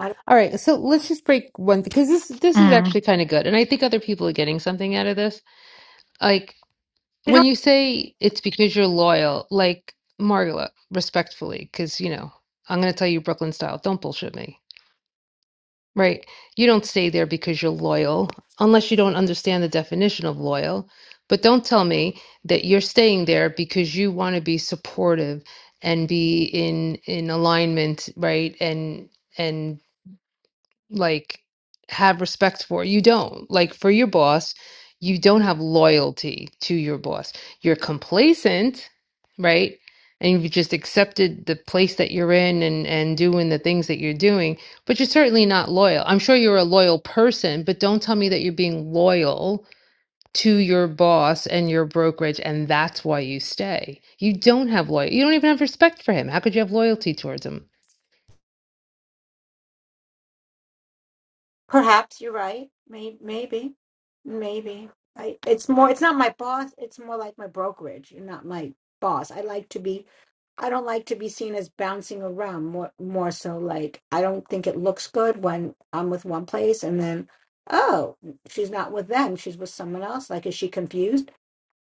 Speaker 3: I
Speaker 7: all right so let's just break one because this this is
Speaker 9: Mm.
Speaker 7: actually kind of good and i think other people are getting something out of this like.
Speaker 3: don't
Speaker 7: When you say it's because you're loyal, like, Margola, respectfully, because you know, I'm gonna tell you Brooklyn style, don't bullshit me, right? You don't stay there because you're loyal, unless you don't understand the definition of loyal. But don't tell me that you're staying there because you want to be supportive and be in in alignment, right? And and like have respect for. You don't. Like for your boss, you don't have loyalty to your boss. You're complacent, right? And you've just accepted the place that you're in and and doing the things that you're doing, but you're certainly not loyal. I'm sure you're a loyal person, but don't tell me that you're being loyal to your boss and your brokerage and that's why you stay. You don't have loyal. You don't even have respect for him. How could you have loyalty towards him?
Speaker 3: Perhaps you're right. Maybe, maybe, maybe. I, it's more. It's not my boss. It's more like my brokerage. You're not my boss. I like to be. I don't like to be seen as bouncing around. More, more so like I don't think it looks good when I'm with one place and then, oh, she's not with them. She's with someone else. Like, is she confused?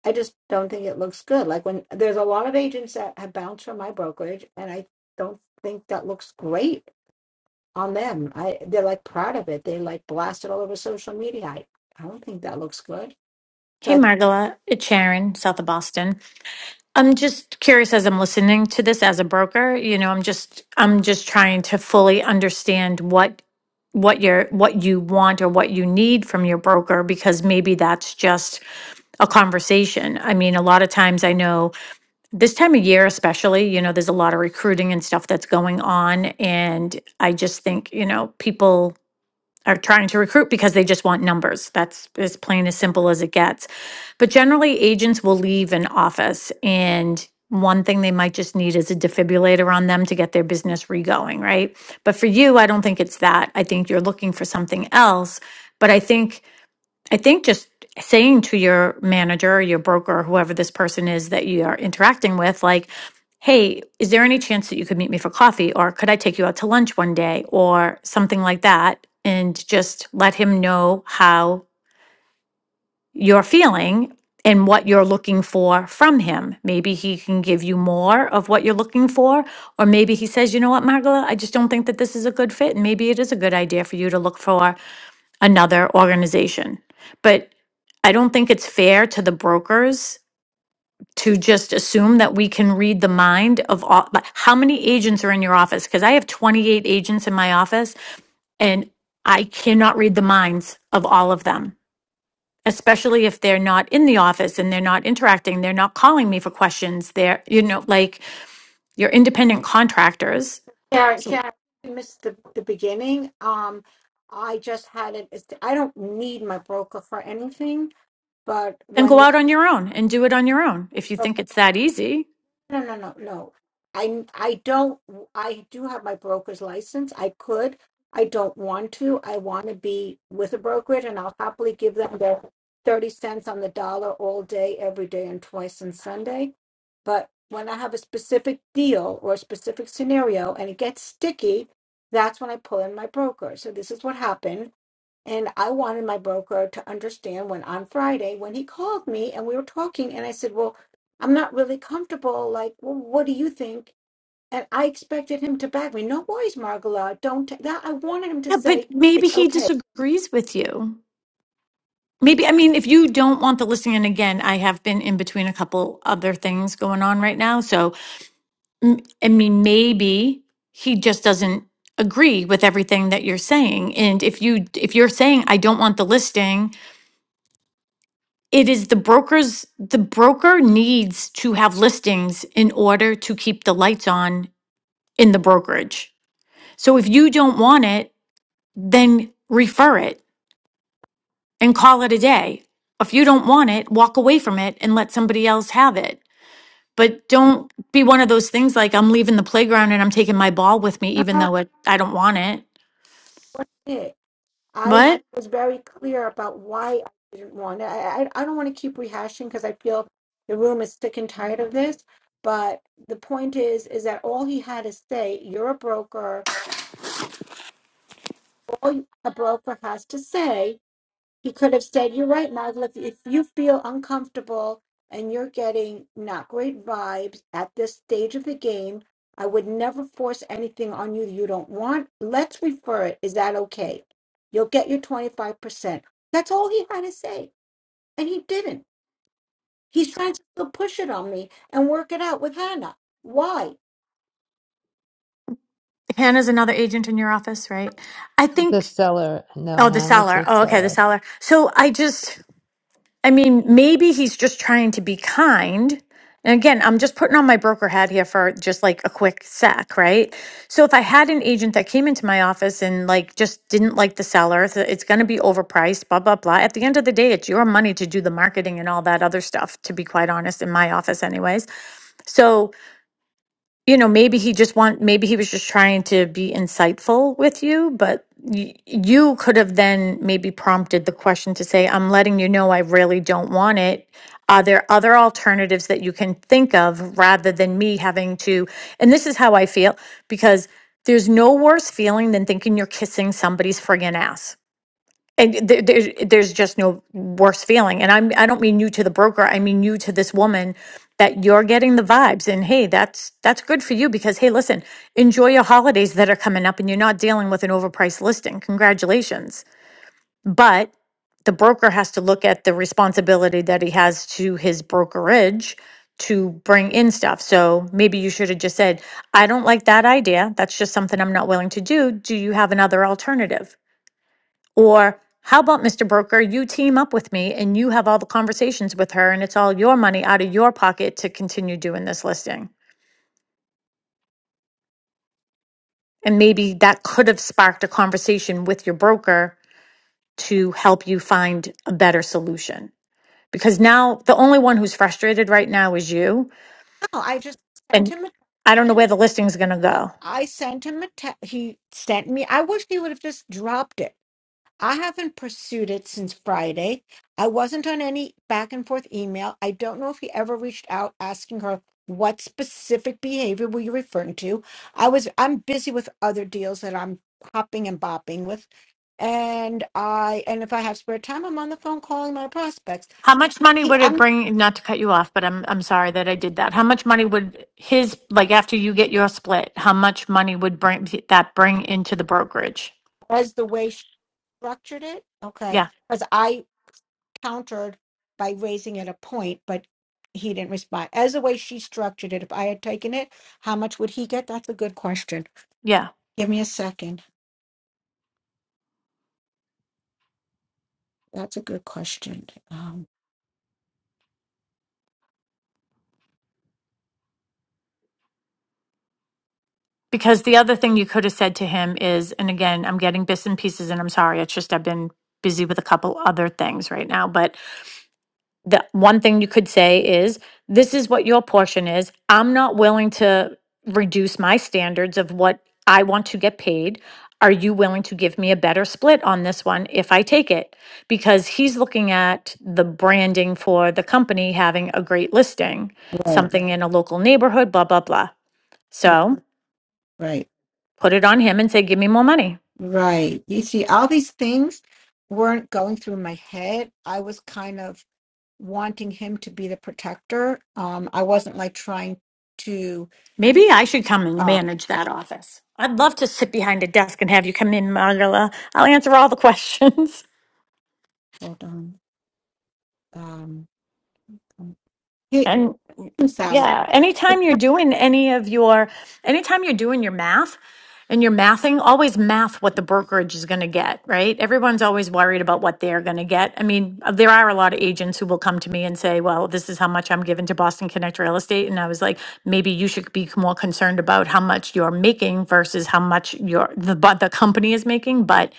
Speaker 3: I just don't think it looks good. Like when there's a lot of agents that have bounced from my brokerage, and I don't think that looks great on them. I they're like proud of it. They like blast it all over social media. I, I don't think that looks good. So
Speaker 9: Hey,
Speaker 3: I think
Speaker 9: Margola, it's Sharon, south of Boston. I'm just curious as I'm listening to this as a broker, you know, I'm just I'm just trying to fully understand what what your what you want or what you need from your broker because maybe that's just a conversation. I mean, a lot of times I know this time of year especially, you know, there's a lot of recruiting and stuff that's going on and I just think, you know, people are trying to recruit because they just want numbers. That's as plain as simple as it gets. But generally, agents will leave an office and one thing they might just need is a defibrillator on them to get their business regoing, right? But for you, I don't think it's that. I think you're looking for something else. But I think I think just saying to your manager, your broker, whoever this person is that you are interacting with, like, hey, is there any chance that you could meet me for coffee? Or could I take you out to lunch one day? Or something like that. And just let him know how you're feeling and what you're looking for from him. Maybe he can give you more of what you're looking for. Or maybe he says, you know what, Margola, I just don't think that this is a good fit. And maybe it is a good idea for you to look for another organization. But I don't think it's fair to the brokers to just assume that we can read the mind of all. But how many agents are in your office? Because I have 28 agents in my office and I cannot read the minds of all of them, especially if they're not in the office and they're not interacting. They're not calling me for questions. They're, you know, like you're independent contractors.
Speaker 3: Sharon,
Speaker 9: So
Speaker 3: Sharon, you missed the, the beginning. Um, I just had it. it's- I don't need my broker for anything, but
Speaker 9: then
Speaker 3: when
Speaker 9: go
Speaker 3: there's
Speaker 9: out on your own and do it on your own if you think it's that easy.
Speaker 3: No, no, no, no. I I don't I do have my broker's license. I could. I don't want to. I want to be with a brokerage and I'll happily give them the 30 cents on the dollar all day, every day, and twice on Sunday. But when I have a specific deal or a specific scenario and it gets sticky, that's when I pull in my broker. So this is what happened and I wanted my broker to understand when on Friday, when he called me and we were talking, and I said, Well, I'm not really comfortable. Like, well, what do you think? And I expected him to back me. No worries, Margola. Don't take that. I wanted him to
Speaker 9: Yeah, but
Speaker 3: say, It's
Speaker 9: maybe he
Speaker 3: okay.
Speaker 9: disagrees with you. Maybe, I mean, if you don't want the listing, and again, I have been in between a couple other things going on right now. So, m- I mean, maybe he just doesn't agree with everything that you're saying. And if you if you're saying I don't want the listing, it is the broker's the broker needs to have listings in order to keep the lights on in the brokerage. So if you don't want it, then refer it and call it a day. If you don't want it, walk away from it and let somebody else have it. But don't be one of those things like I'm leaving the playground and I'm taking my ball with me, even though it, I don't want it.
Speaker 3: Eh, I
Speaker 9: But
Speaker 3: was very clear about why I didn't want it. I, I, I don't want to keep rehashing because I feel the room is sick and tired of this. But the point is, is that all he had to say, You're a broker. All a broker has to say He could have said, You're right, Marvel. If, if you feel uncomfortable and you're getting not great vibes at this stage of the game, I would never force anything on you you don't want. Let's refer it. Is that okay? You'll get your 25%. That's all he had to say. And he didn't. He's trying to still push it on me and work it out with Hannah. Why?
Speaker 9: Hannah's another agent in your office, right? I
Speaker 7: The
Speaker 9: think,
Speaker 7: seller, no,
Speaker 9: oh, the
Speaker 7: Hannah's
Speaker 9: seller.
Speaker 7: the
Speaker 9: Oh, okay,
Speaker 7: seller.
Speaker 9: the seller. So I just, I mean, maybe he's just trying to be kind. And again, I'm just putting on my broker hat here for just like a quick sec, right? So if I had an agent that came into my office and like just didn't like the seller, so it's going to be overpriced, blah blah blah. At the end of the day, it's your money to do the marketing and all that other stuff. To be quite honest, in my office, anyways. So you know maybe he just want maybe he was just trying to be insightful with you but y- you could have then maybe prompted the question to say i'm letting you know i really don't want it are there other alternatives that you can think of rather than me having to and this is how i feel because there's no worse feeling than thinking you're kissing somebody's friggin ass and there, there, there's just no worse feeling. And I'm, I don't mean you to the broker. I mean you to this woman that you're getting the vibes. And hey, that's that's good for you because hey, listen, enjoy your holidays that are coming up, and you're not dealing with an overpriced listing. Congratulations. But the broker has to look at the responsibility that he has to his brokerage to bring in stuff. So maybe you should have just said, I don't like that idea. That's just something I'm not willing to do. Do you have another alternative? Or how about Mr. Broker, you team up with me and you have all the conversations with her and it's all your money out of your pocket to continue doing this listing. And maybe that could have sparked a conversation with your broker to help you find a better solution. Because now the only one who's frustrated right now is you.
Speaker 3: No, I just sent
Speaker 9: And
Speaker 3: him a
Speaker 9: I don't know where the listing's going to
Speaker 3: text.
Speaker 9: go.
Speaker 3: I sent him a text. He sent me. I wish he would have just dropped it. I haven't pursued it since Friday. I wasn't on any back and forth email. I don't know if he ever reached out asking her what specific behavior were you referring to. I was I'm busy with other deals that I'm hopping and bopping with. And I and if I have spare time, I'm on the phone calling my prospects.
Speaker 9: How much money
Speaker 3: He
Speaker 9: would it
Speaker 3: I'm
Speaker 9: bring, not to cut you off, but I'm, I'm sorry that I did that. How much money would his, like after you get your split, how much money would bring that bring into the brokerage?
Speaker 3: as the way she structured it, okay.
Speaker 9: Yeah.
Speaker 3: Because I countered by raising it a point, but he didn't respond. As the way she structured it, if I had taken it, how much would he get? That's a good question.
Speaker 9: Yeah.
Speaker 3: Give me a second. That's a good question. Um,
Speaker 9: Because the other thing you could have said to him is, and again, I'm getting bits and pieces and I'm sorry. It's just, I've been busy with a couple other things right now, but the one thing you could say is, this is what your portion is. I'm not willing to reduce my standards of what I want to get paid. Are you willing to give me a better split on this one if I take it? Because he's looking at the branding for the company having a great listing,
Speaker 3: right,
Speaker 9: something in a local neighborhood, blah, blah, blah. So
Speaker 3: right,
Speaker 9: put it on him and say, give me more money.
Speaker 3: right. You see, all these things weren't going through my head. I was kind of wanting him to be the protector. Um, I wasn't like trying to.
Speaker 9: Maybe I should come and
Speaker 3: Uh,
Speaker 9: manage that office. I'd love to sit behind a desk and have you come in, Margala. I'll answer all the questions.
Speaker 3: hold on. Um, um, hey,
Speaker 9: And yeah, anytime you're doing any of your, anytime you're doing your math and you're mathing, always math what the brokerage is going to get, right? Everyone's always worried about what they're going to get. I mean, uh, there are a lot of agents who will come to me and say, well, this is how much I'm giving to Boston Connect Real Estate. And I was like, maybe you should be more concerned about how much you're making versus how much your, the, but the company is making. But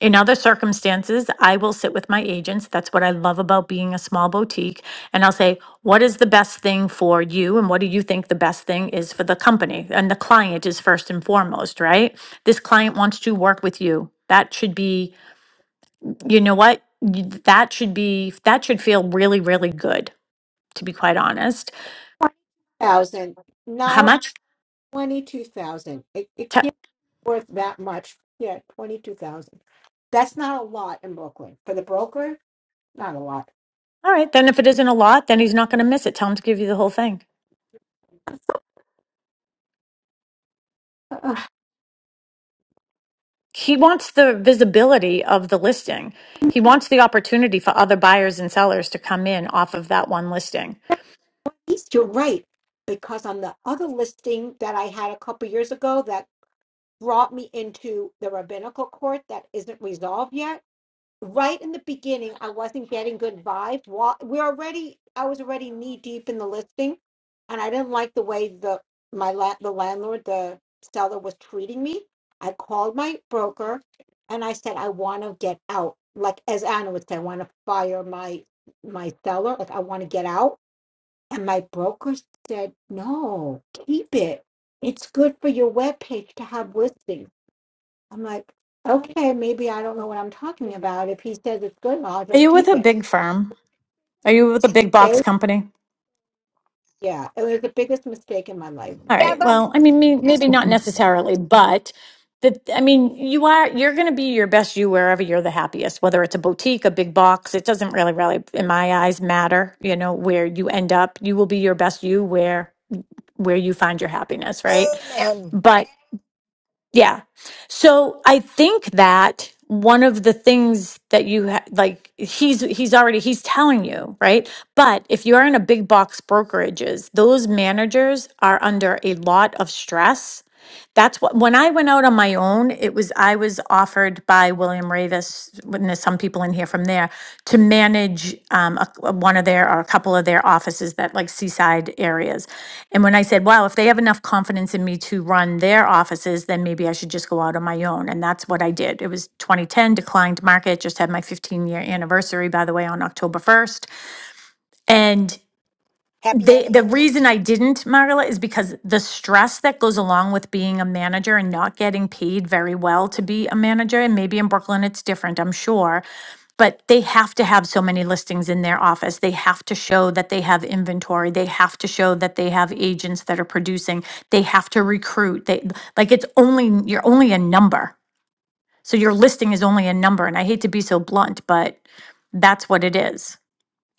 Speaker 9: in other circumstances, I will sit with my agents. That's what I love about being a small boutique and I'll say, what is the best thing for you? And what do you think the best thing is for the company? And the client is first and foremost, right? This client wants to work with you. That should be, you know what? You- That should be, that should feel really, really good, to be quite honest.
Speaker 3: 20,000,
Speaker 9: How
Speaker 3: not
Speaker 9: much?
Speaker 3: 22,000. It, it
Speaker 9: Te-
Speaker 3: worth that much. Yeah, twenty-two thousand. That's not a lot in Brooklyn for the broker. Not a lot.
Speaker 9: All right. Then if it isn't a lot, then he's not going to miss it. Tell him to give you the whole thing.
Speaker 3: Uh,
Speaker 9: He wants the visibility of the listing. He wants the opportunity for other buyers and sellers to come in off of that one listing.
Speaker 3: East, you're right, because on the other listing that I had a couple years ago, that brought me into the rabbinical court that isn't resolved yet. right in the beginning i wasn't getting good vibes Wa- we're already i was already knee deep in the listing and i didn't like the way the my la- the landlord the seller was treating me i called my broker and i said i want to get out like as anna would say i want to fire my my seller like i want to get out and my broker said no keep it it's good for your webpage to have listings I'm like, okay, maybe I don't know what I'm talking about. If he says it's good, well, I'll
Speaker 9: Are
Speaker 3: just
Speaker 9: you with
Speaker 3: keep
Speaker 9: a
Speaker 3: it.
Speaker 9: big firm? Are you with a big box
Speaker 3: They-
Speaker 9: company?
Speaker 3: yeah, it was the biggest mistake in my life.
Speaker 9: All
Speaker 11: Yeah,
Speaker 9: right.
Speaker 11: but
Speaker 9: Well, I mean, me- maybe not necessarily, but the, I mean, you are, you're going to be your best you wherever you're the happiest, whether it's a boutique, a big box. It doesn't really, really, in my eyes, matter, you know, where you end up. You will be your best you where, where you find your happiness, right?
Speaker 11: amen.
Speaker 9: But Yeah. So I think that one of the things that you ha- like he's he's already he's telling you, right? But if you are in a big box brokerages, those managers are under a lot of stress that's what, when I went out on my own, it was, I was offered by William Ravis, and there's some people in here from there, to manage um, a, a- one of their, or a couple of their offices that like seaside areas. And when I said, wow, if they have enough confidence in me to run their offices, then maybe I should just go out on my own. And that's what I did. It was 2010, declined market, just had my 15 year anniversary, by the way, on October 1st. And
Speaker 11: Happy
Speaker 9: they the
Speaker 11: anniversary.
Speaker 9: reason I didn't, Marla, is because the stress that goes along with being a manager and not getting paid very well to be a manager, and maybe in Brooklyn it's different, I'm sure. But they have to have so many listings in their office. They have to show that they have inventory. They have to show that they have agents that are producing. They have to recruit. They like it's only you're only a number. So your listing is only a number. And I hate to be so blunt, but that's what it is.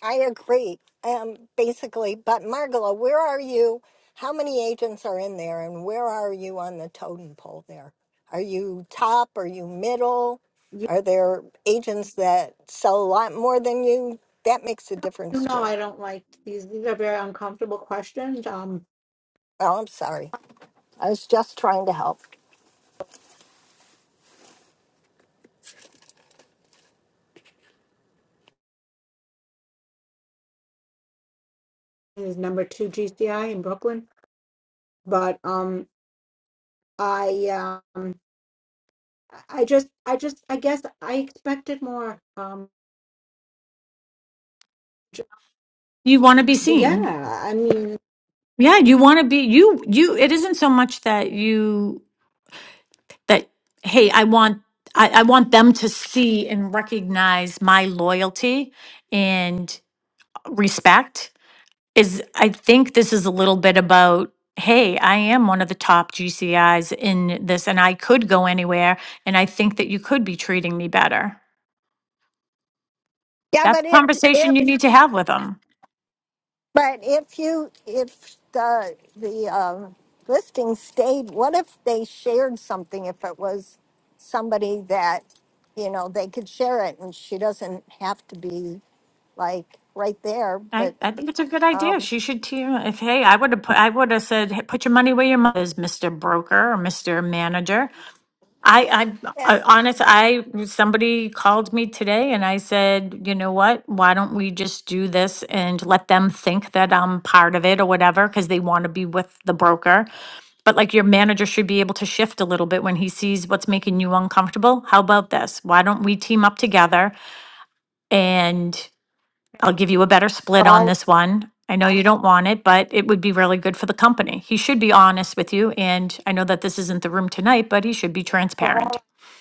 Speaker 11: I agree. Um, basically, but Margola, where are you? How many agents are in there, and where are you on the totem pole? There, are you top? Are you middle?
Speaker 3: You,
Speaker 11: Are there agents that sell a lot more than you? That makes a
Speaker 3: you
Speaker 11: difference
Speaker 3: know,
Speaker 11: too.
Speaker 3: I don't like these. These are very uncomfortable questions. Um,
Speaker 11: Oh, I'm sorry. I was just trying to help.
Speaker 3: this is number two GCI in Brooklyn, but um, I um, I just, I just, I guess I expected more. Um, j-
Speaker 9: You want to be seen.
Speaker 3: yeah, I mean.
Speaker 9: Yeah, you want to be you you it isn't so much that you that hey, I want I, I want them to see and recognize my loyalty and respect is I think this is a little bit about hey, I am one of the top GCIs in this and I could go anywhere and I think that you could be treating me better.
Speaker 11: Yeah,
Speaker 9: That's
Speaker 11: but
Speaker 9: a
Speaker 11: if
Speaker 9: conversation
Speaker 11: if
Speaker 9: you need to have with them.
Speaker 11: But if you, if the, the um, listing stayed, what if they shared something? If it was somebody that, you know, they could share it and she doesn't have to be like right there,
Speaker 9: I,
Speaker 11: but
Speaker 9: I think it's a good idea.
Speaker 11: um,
Speaker 9: She should team if hey, I would have put I would have said, hey, put your money where your mouth is, Mr. Broker or Mr. Manager. I, I,
Speaker 11: yeah.
Speaker 9: I honest, I, somebody called me today and I said, you know what? Why don't we just do this and let them think that I'm part of it or whatever? Cause they want to be with the broker. But like your manager should be able to shift a little bit when he sees what's making you uncomfortable. How about this? Why don't we team up together and I'll give you a better split on this one. I know you don't want it, but it would be really good for the company. He should be honest with you. And I know that this isn't the room tonight, but he should be
Speaker 3: for all I
Speaker 9: transparent.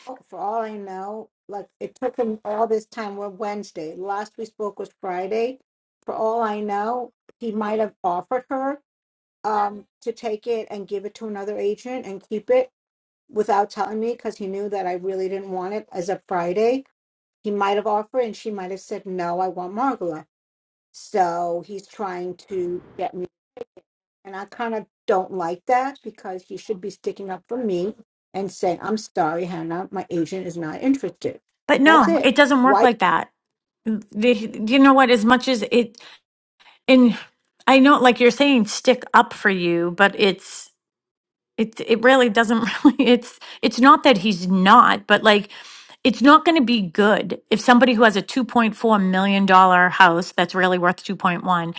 Speaker 3: know- for all I know, like it took him all this time. We're Wednesday. Last we spoke was Friday. For all I know, he might have offered her um to take it and give it to another agent and keep it without telling me because he knew that I really didn't want it as a Friday. He might have offered and she might have said no, I want Margola. So he's trying to get and I kind of don't like that because he should be sticking up for me and saying, I'm sorry, Hannah, my agent is not interested.
Speaker 9: But
Speaker 3: That's
Speaker 9: no,
Speaker 3: it.
Speaker 9: it doesn't work
Speaker 3: Why?
Speaker 9: like that. The, you know what? As much as it, and I know, like you're saying, stick up for you, but it's it it really doesn't really it's it's not that he's not, but like it's not going to be good if somebody who has a 2.4 million dollar house that's really worth 2.1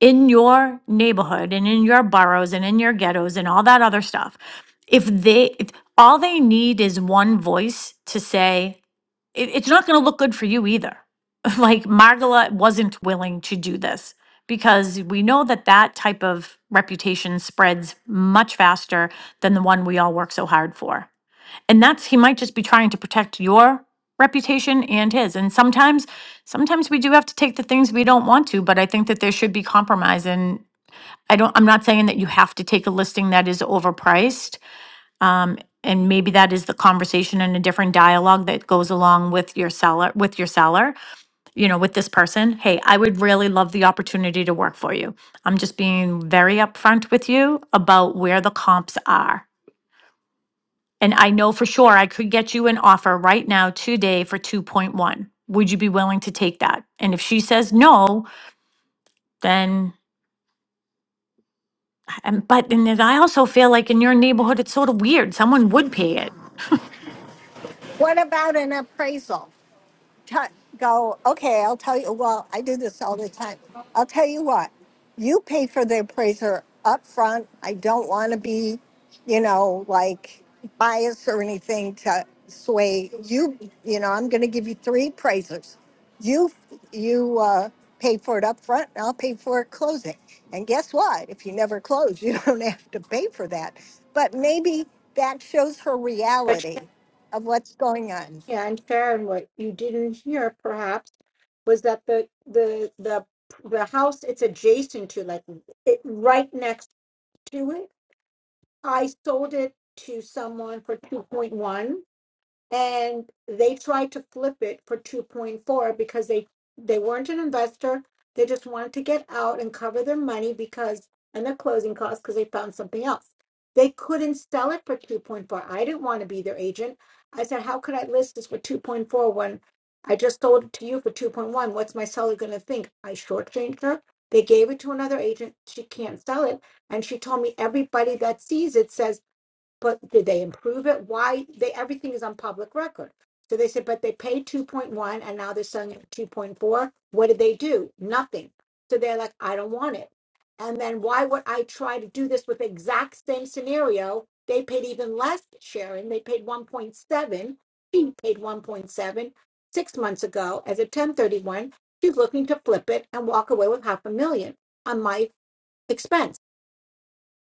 Speaker 9: in your neighborhood and in your boroughs and in your ghettos and all that other stuff. If they if all they need is one voice to say it, it's not going to look good for you either. Like Margala wasn't willing to do this because we know that that type of reputation spreads much faster than the one we all work so hard for. And that's he might just be trying to protect your reputation and his. And sometimes sometimes we do have to take the things we don't want to, but I think that there should be compromise and I don't I'm not saying that you have to take a listing that is overpriced and maybe that is the conversation and a different dialogue that goes along with your seller with your seller you know, with this person, hey, I would really love the opportunity to work for you. I'm just being very upfront with you about where the comps are. And I know for sure I could get you an offer right now today for 2.1. Would you be willing to take that? And if she says no, then, and, but, and then I also feel like in your neighborhood, it's sort of weird. Someone would pay it.
Speaker 11: what about an appraisal? t- go, okay, I'll tell you, well, I do this all the time. I'll tell you what, you pay for the appraiser up front. I don't want to be, you know, like biased or anything to sway you. You know, I'm going to give you three appraisers. You, you, uh, pay for it up front and I'll pay for it closing. And guess what? If you never close, you don't have to pay for that. But maybe that shows her
Speaker 3: But
Speaker 11: reality of what's going on.
Speaker 3: Shania and Sharon, what you didn't hear perhaps was that the the the the house it's adjacent to, like it right next to it, I sold it to someone for 2.1 and they tried to flip it for 2.4 because they they weren't an investor they just wanted to get out and cover their money because and their closing costs because they found something else they couldn't sell it for 2.4 i didn't want to be their agent i said how could i list this for 2.4 when i just sold it to you for 2.1 what's my seller going to think i shortchanged her they gave it to another agent she can't sell it and she told me everybody that sees it says but did they improve it? Why they everything is on public record. So they said, but they paid 2.1 and now they're selling it 2.4. What did they do? Nothing. So they're like, I don't want it. And then why would I try to do this with the exact same scenario? They paid even less, Sharon. They paid 1.7. She paid one point seven six months ago as a 1031. She's looking to flip it and walk away with half a million on my expense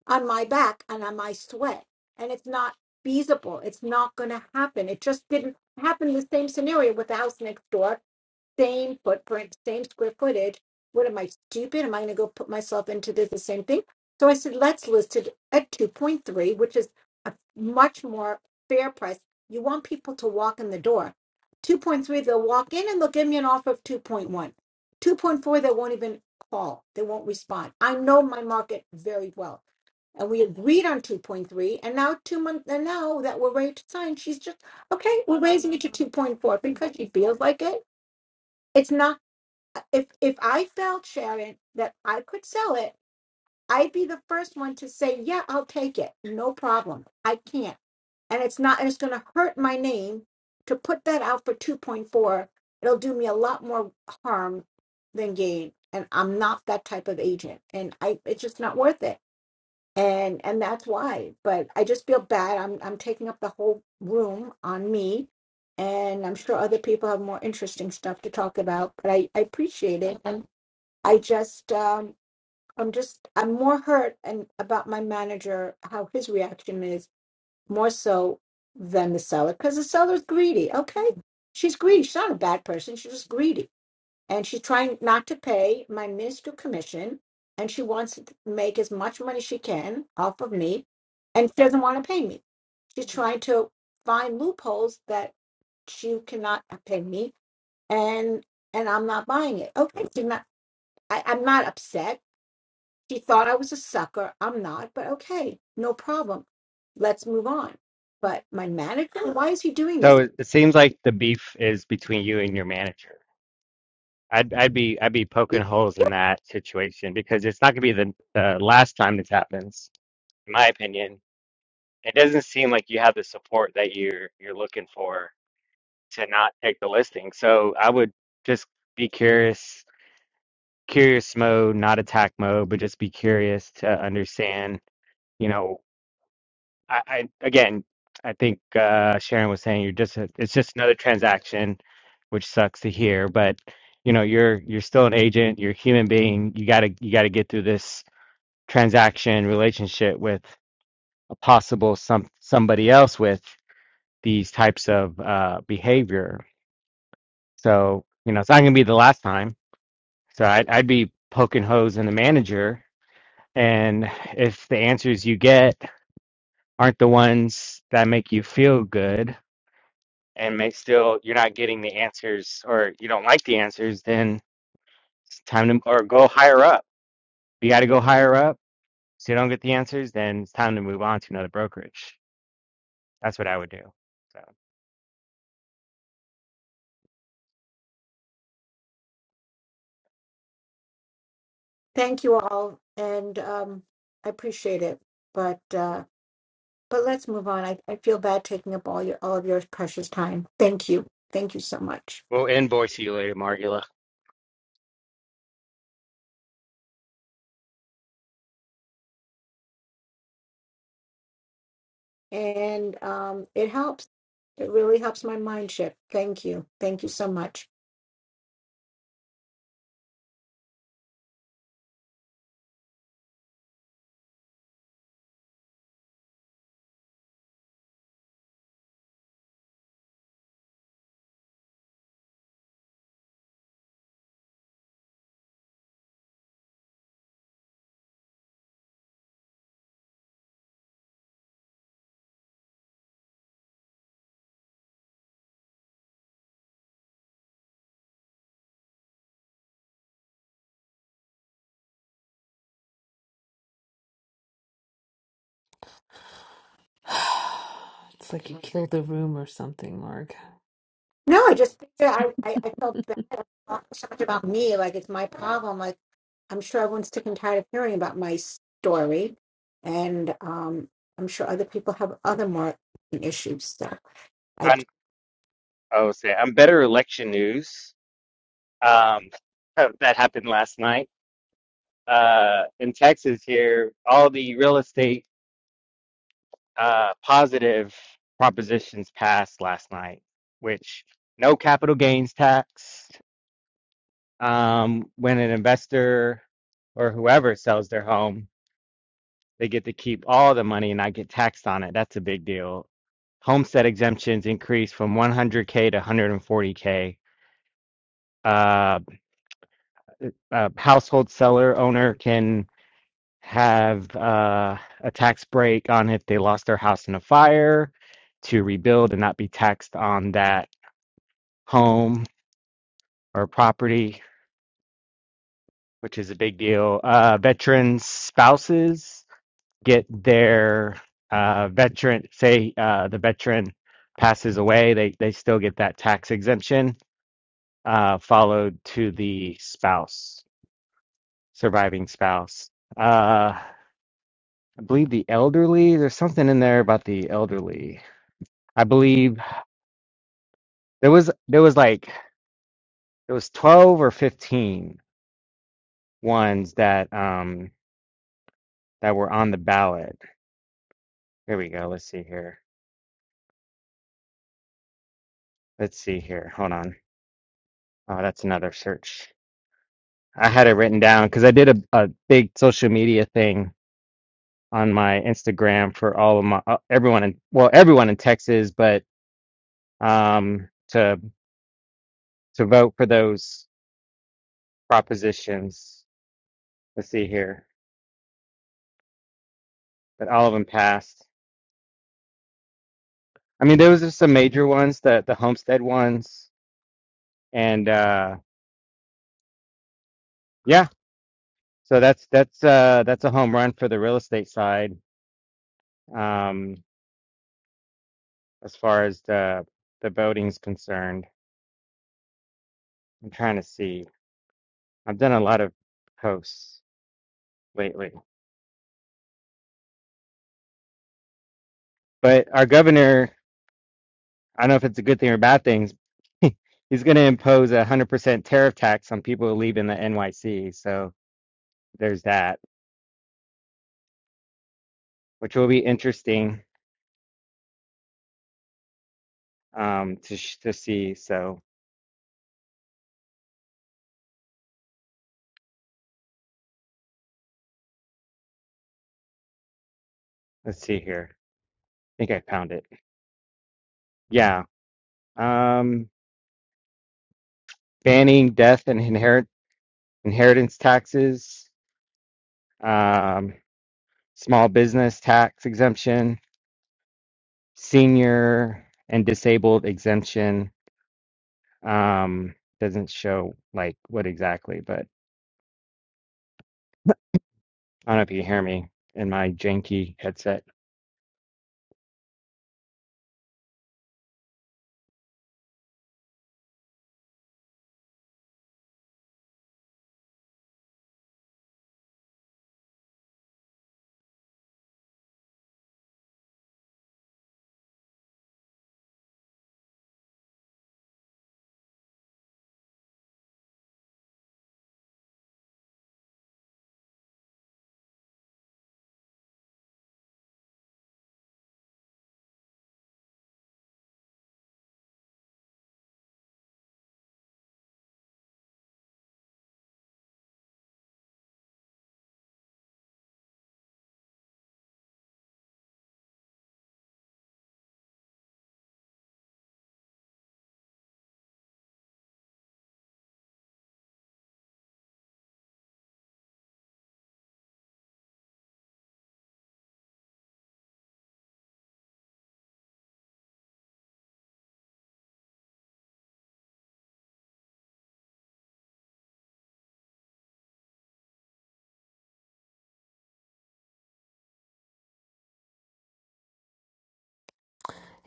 Speaker 3: on my back and on my sweat. And it's not feasible. It's not going to happen. It just didn't happen. The same scenario with the house next door same footprint, same square footage. What am I stupid? Am I going to go put myself into this the same thing? So I said, let's list it at 2.3, which is a much more fair price. You want people to walk in the door. 2.3, they'll walk in and they'll give me an offer of 2.1. 2.4, they won't even call, they won't respond. I know my market very well. And we agreed on 2.3, and now two months, and now that we're ready to sign, she's just, okay, we're raising it to 2.4 because she feels like it it's not if if I felt Sharon that I could sell it, I'd be the first one to say, "Yeah, I'll take it. No problem. I can't." And it's not and it's going to hurt my name to put that out for 2.4. It'll do me a lot more harm than gain, and I'm not that type of agent. And I it's just not worth it and and that's why but i just feel bad i'm i'm taking up the whole room on me and i'm sure other people have more interesting stuff to talk about but i i appreciate it and i just um i'm just i'm more hurt and about my manager how his reaction is more so than the seller because the seller's greedy okay she's greedy she's not a bad person she's just greedy and she's trying not to pay my minuscule commission and she wants to make as much money she can off of me and she doesn't want to pay me she's trying to find loopholes that she cannot pay me and and i'm not buying it okay she's not I, i'm not upset she thought i was a sucker i'm not but okay no problem let's move on but my manager why is he doing
Speaker 5: So
Speaker 3: this
Speaker 5: it, it seems like the beef is between you and your manager. I'd I'd be I'd be poking holes in that situation because it's not gonna be the, the last time this happens, in my opinion. It doesn't seem like you have the support that you're you're looking for to not take the listing. So I would just be curious, curious mode, not attack mode, but just be curious to understand. You know I, I again, I think uh, Sharon was saying you're just a, it's just another transaction, which sucks to hear. But you know, you're you're still an agent. You're a human being. You gotta you gotta get through this transaction relationship with a possible some somebody else with these types of uh, behavior. So you know, it's not gonna be the last time. So I'd, I'd be poking holes in the manager, and if the answers you get aren't the ones that make you feel good and may still you're not getting the answers or you don't like the answers, then it's time to or go higher up. You got to go higher up. So you don't get the answers, then it's time to move on to another brokerage. That's what I would do. So
Speaker 3: thank you all and um i appreciate it but uh But let's move on. I, I feel bad taking up all your all of your precious time. Thank you. Thank you so much.
Speaker 5: we'll invoice you later, Margula.
Speaker 3: And um it helps. It really helps my mind shift. Thank you. Thank you so much.
Speaker 7: It's like you killed the room or something, Mark.
Speaker 3: No, I just figured I, I, I felt bad I thought so much about me, like it's my problem. Like I'm sure everyone's sick and tired of hearing about my story. And um I'm sure other people have other more issues. So I
Speaker 5: I'm, I will say I'm better election news. Um, that happened last night. Uh, in Texas here, all the real estate uh, positive propositions passed last night, which no capital gains tax. um, when an investor or whoever sells their home, they get to keep all the money and not get taxed on it. That's a big deal. Homestead exemptions increased from 100K to 140K. Uh, a household seller owner can have uh, a tax break on if they lost their house in a fire to rebuild and not be taxed on that home or property, which is a big deal. Uh, veterans, spouses get their uh, veteran, say uh, the veteran passes away, they, they still get that tax exemption uh, followed to the spouse, surviving spouse. Uh, I believe the elderly, there's something in there about the elderly. I believe there was there was like there was 12 or 15 ones that um that were on the ballot. Here we go. Let's see here. Let's see here. Hold on. Oh, that's another search. I had it written down because I did a, a big social media thing on my Instagram for all of my uh, everyone in well everyone in Texas, but um to to vote for those propositions. Let's see here, but all of them passed. I mean, those are some major ones, the the homestead ones, and uh yeah, so that's that's uh that's a home run for the real estate side um as far as the the voting's concerned. I'm trying to see. I've done a lot of posts lately, but our governor, I don't know if it's a good thing or bad thing, he's going to impose a 100% tariff tax on people who leave in the NYC. So there's that, which will be interesting um, to sh- to see. So let's see here. I think I found it. Yeah. Um, banning death and inherit inheritance taxes, um, small business tax exemption, senior and disabled exemption Um, doesn't show like what exactly, but I don't know if you hear me in my janky headset.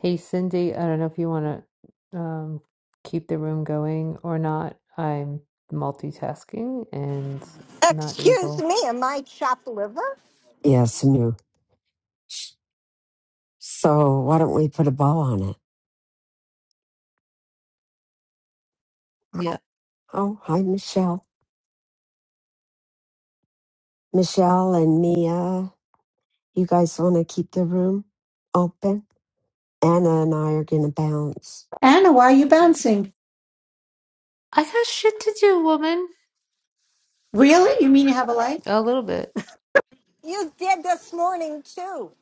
Speaker 7: Hey, Cindy, I don't know if you want to um, keep the room going or not. I'm multitasking and not
Speaker 11: Excuse
Speaker 7: able.
Speaker 11: me, am I chopped liver?
Speaker 6: yeah, some new. So, why don't we put a bow on it?
Speaker 7: Yeah.
Speaker 6: Oh, hi, Michelle. Michelle and Mia, you guys want to keep the room open? Anna and I are going to bounce.
Speaker 3: Anna, why are you bouncing?
Speaker 7: I got shit to do, woman.
Speaker 3: Really? You mean you have a life?
Speaker 7: A little bit.
Speaker 11: You did this morning too.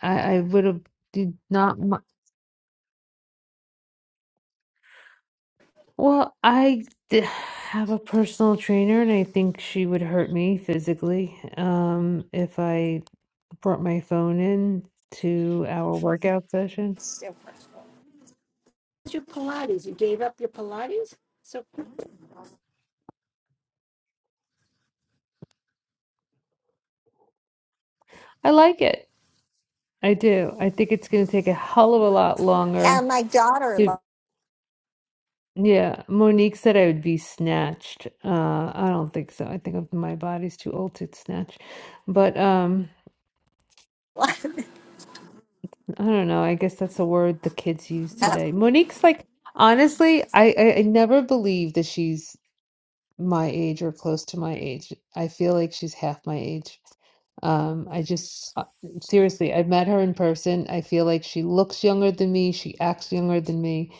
Speaker 7: I, I would have did not. mu- Well, I d- have a personal trainer, and I think she would hurt me physically um, if I brought my phone in to our workout
Speaker 11: It's
Speaker 7: sessions.
Speaker 11: different.
Speaker 3: your Pilates? You gave up your Pilates? So
Speaker 7: I like it. I do. I think it's going to take a hell of a lot longer.
Speaker 11: And my daughter
Speaker 7: It,
Speaker 11: lo-
Speaker 7: yeah, Monique said I would be snatched. Uh, I don't think so. I think of my body's too old to snatch. But um, I don't know. I guess that's a word the kids use today. Monique's like, honestly, I, I, I never believe that she's my age or close to my age. I feel like she's half my age. Um, I just uh, seriously, I've met her in person. I feel like she looks younger than me. She acts younger than me.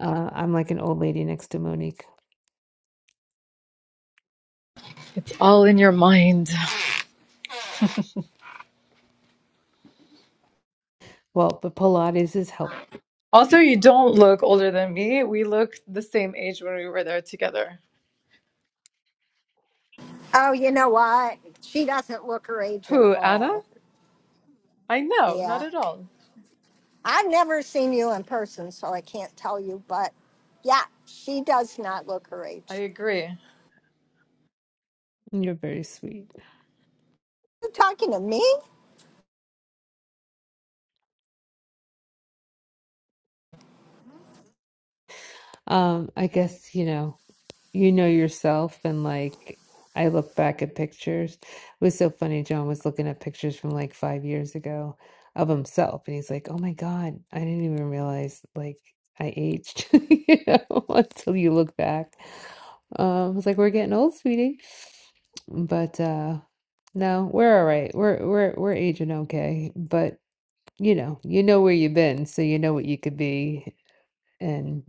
Speaker 7: Uh, I'm like an old lady next to Monique.
Speaker 12: All in your mind.
Speaker 7: Well, but Pilates is helpful.
Speaker 12: Also, you don't look older than me. We look the same age when we were there together.
Speaker 11: Oh, you know what? She doesn't look her age at
Speaker 12: Who, Anna?
Speaker 11: all.
Speaker 12: I know, not
Speaker 11: Yeah.
Speaker 12: at all.
Speaker 11: I've never seen you in person, so I can't tell you, but yeah, she does not look her
Speaker 12: I
Speaker 11: age.
Speaker 12: agree.
Speaker 7: You're very sweet.
Speaker 11: You talking to me?
Speaker 7: Um, I guess, you know, you know yourself and like I look back at pictures. It was so funny. John was looking at pictures from like five years ago of himself and he's like, Oh my God, I didn't even realize like I aged, you know, until you look back. Um, I was like, We're getting old, sweetie. But uh no, we're all right. We're we're we're aging okay. But you know, you know where you've been, so you know what you could be and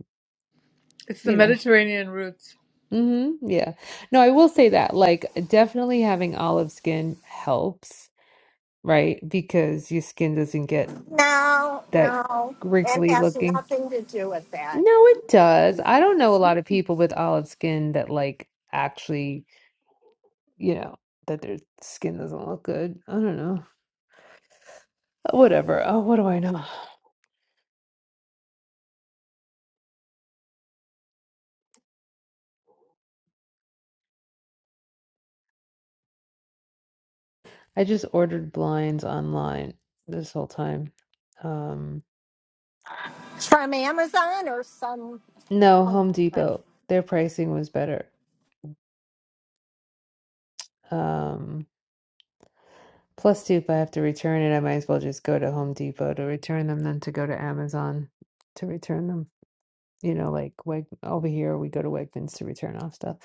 Speaker 12: It's the
Speaker 7: you know.
Speaker 12: Mediterranean route.
Speaker 7: hmm Yeah. No, I will say that, like, definitely having olive skin helps, right? Because your skin doesn't get
Speaker 11: No,
Speaker 7: that
Speaker 11: no. It
Speaker 7: wrinkly
Speaker 11: has
Speaker 7: looking.
Speaker 11: nothing to do with that.
Speaker 7: No, it does. I don't know a lot of people with olive skin that, like, actually, you know, that their skin doesn't look good. I don't know. Uh, Whatever. Oh, what do I know? I just ordered blinds online this whole time. Um,
Speaker 11: It's from Amazon or some
Speaker 7: no, Home
Speaker 11: funky place.
Speaker 7: Depot. Their pricing was better. Um, Plus, too, if I have to return it, I might as well just go to Home Depot to return them than to go to Amazon to return them you know, like Weg- over here we go to Wegmans to return off stuff.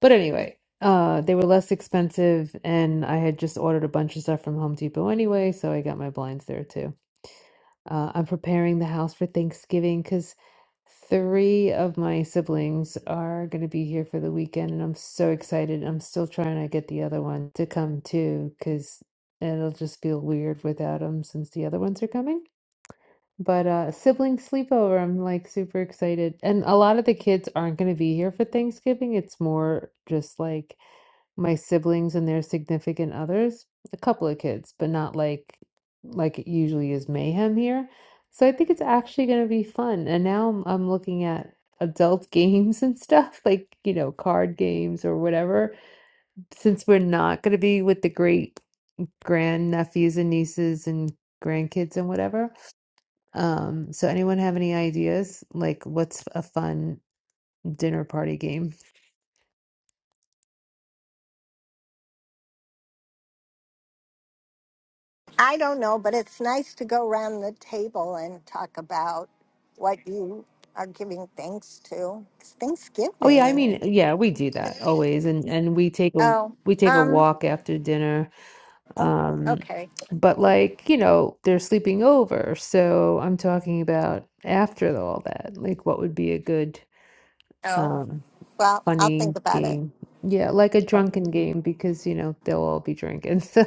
Speaker 7: But anyway, uh, they were less expensive, and I had just ordered a bunch of stuff from Home Depot anyway, so I got my blinds there too. Uh, I'm preparing the house for Thanksgiving because three of my siblings are going to be here for the weekend, and I'm so excited. I'm still trying to get the other one to come too because it'll just feel weird without them since the other ones are coming. But uh sibling sleepover, I'm like super excited. And a lot of the kids aren't going to be here for Thanksgiving. It's more just like my siblings and their significant others, a couple of kids, but not like like it usually is mayhem here. So I think it's actually going to be fun. And now I'm, I'm looking at adult games and stuff, like, you know, card games or whatever, since we're not going to be with the great grand nephews and nieces and grandkids and whatever. Um, so anyone have any ideas? Like what's a fun dinner party game?
Speaker 11: I don't know, but it's nice to go around the table and talk about what you are giving thanks to. It's
Speaker 7: Oh yeah, I
Speaker 11: Thanksgiving.
Speaker 7: mean, yeah, we do that always and and we take a
Speaker 11: Oh,
Speaker 7: we take a
Speaker 11: um,
Speaker 7: walk after dinner. Um,
Speaker 11: okay.
Speaker 7: but like, you know, they're sleeping over. So I'm talking about after all that. Like what would be a good
Speaker 11: Oh,
Speaker 7: um
Speaker 11: well, I'll
Speaker 7: funny
Speaker 11: think about
Speaker 7: game. Yeah, like a drunken
Speaker 11: it.
Speaker 7: game because, you know, they'll all be drinking. So,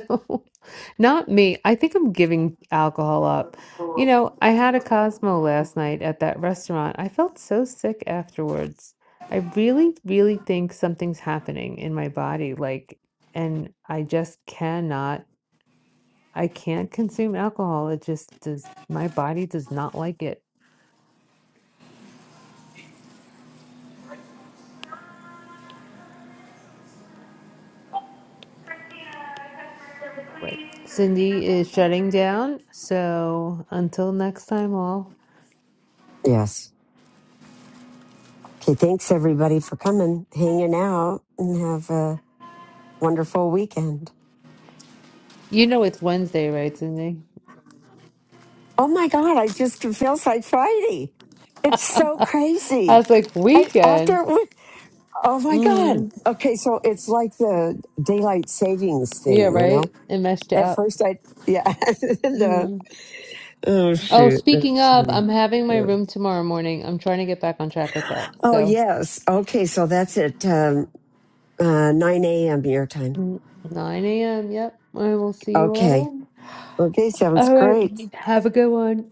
Speaker 7: not me. I think I'm giving alcohol up. You know, I had a Cosmo last night at that restaurant. I felt so sick afterwards. I really, really think something's happening in my body. Like, and I just cannot, I can't consume alcohol. It just does, my body does not like it. Right. Cindy is shutting down. So, until next time, all.
Speaker 6: Yes. Okay, thanks everybody for coming, hanging out, and have a wonderful weekend.
Speaker 7: You know it's Wednesday, right, Sydney?
Speaker 6: Oh my God, I just, it feels like Friday. It's
Speaker 7: I
Speaker 6: so crazy.
Speaker 7: was like,
Speaker 6: I,
Speaker 7: weekend.
Speaker 6: after, it went- oh my God.
Speaker 7: Mm,
Speaker 6: Okay, so it's like the daylight savings
Speaker 7: yeah,
Speaker 6: thing, you
Speaker 7: right.
Speaker 6: know?
Speaker 7: It messed you
Speaker 6: At
Speaker 7: up.
Speaker 6: first, I, yeah. the,
Speaker 7: Mm.
Speaker 6: oh,
Speaker 7: Oh,
Speaker 6: shoot.
Speaker 7: speaking
Speaker 6: That's
Speaker 7: of,
Speaker 6: funny.
Speaker 7: I'm having my
Speaker 6: Uh,
Speaker 7: room tomorrow morning. I'm trying to get back on track with that.
Speaker 6: Oh,
Speaker 7: So,
Speaker 6: yes. Okay, so that's at um, uh, 9 a.m. your time.
Speaker 7: mm, 9 a.m. Yep. I will see you all
Speaker 6: Okay.
Speaker 7: then.
Speaker 6: Okay, sounds
Speaker 7: All right.
Speaker 6: great.
Speaker 7: Have a good one.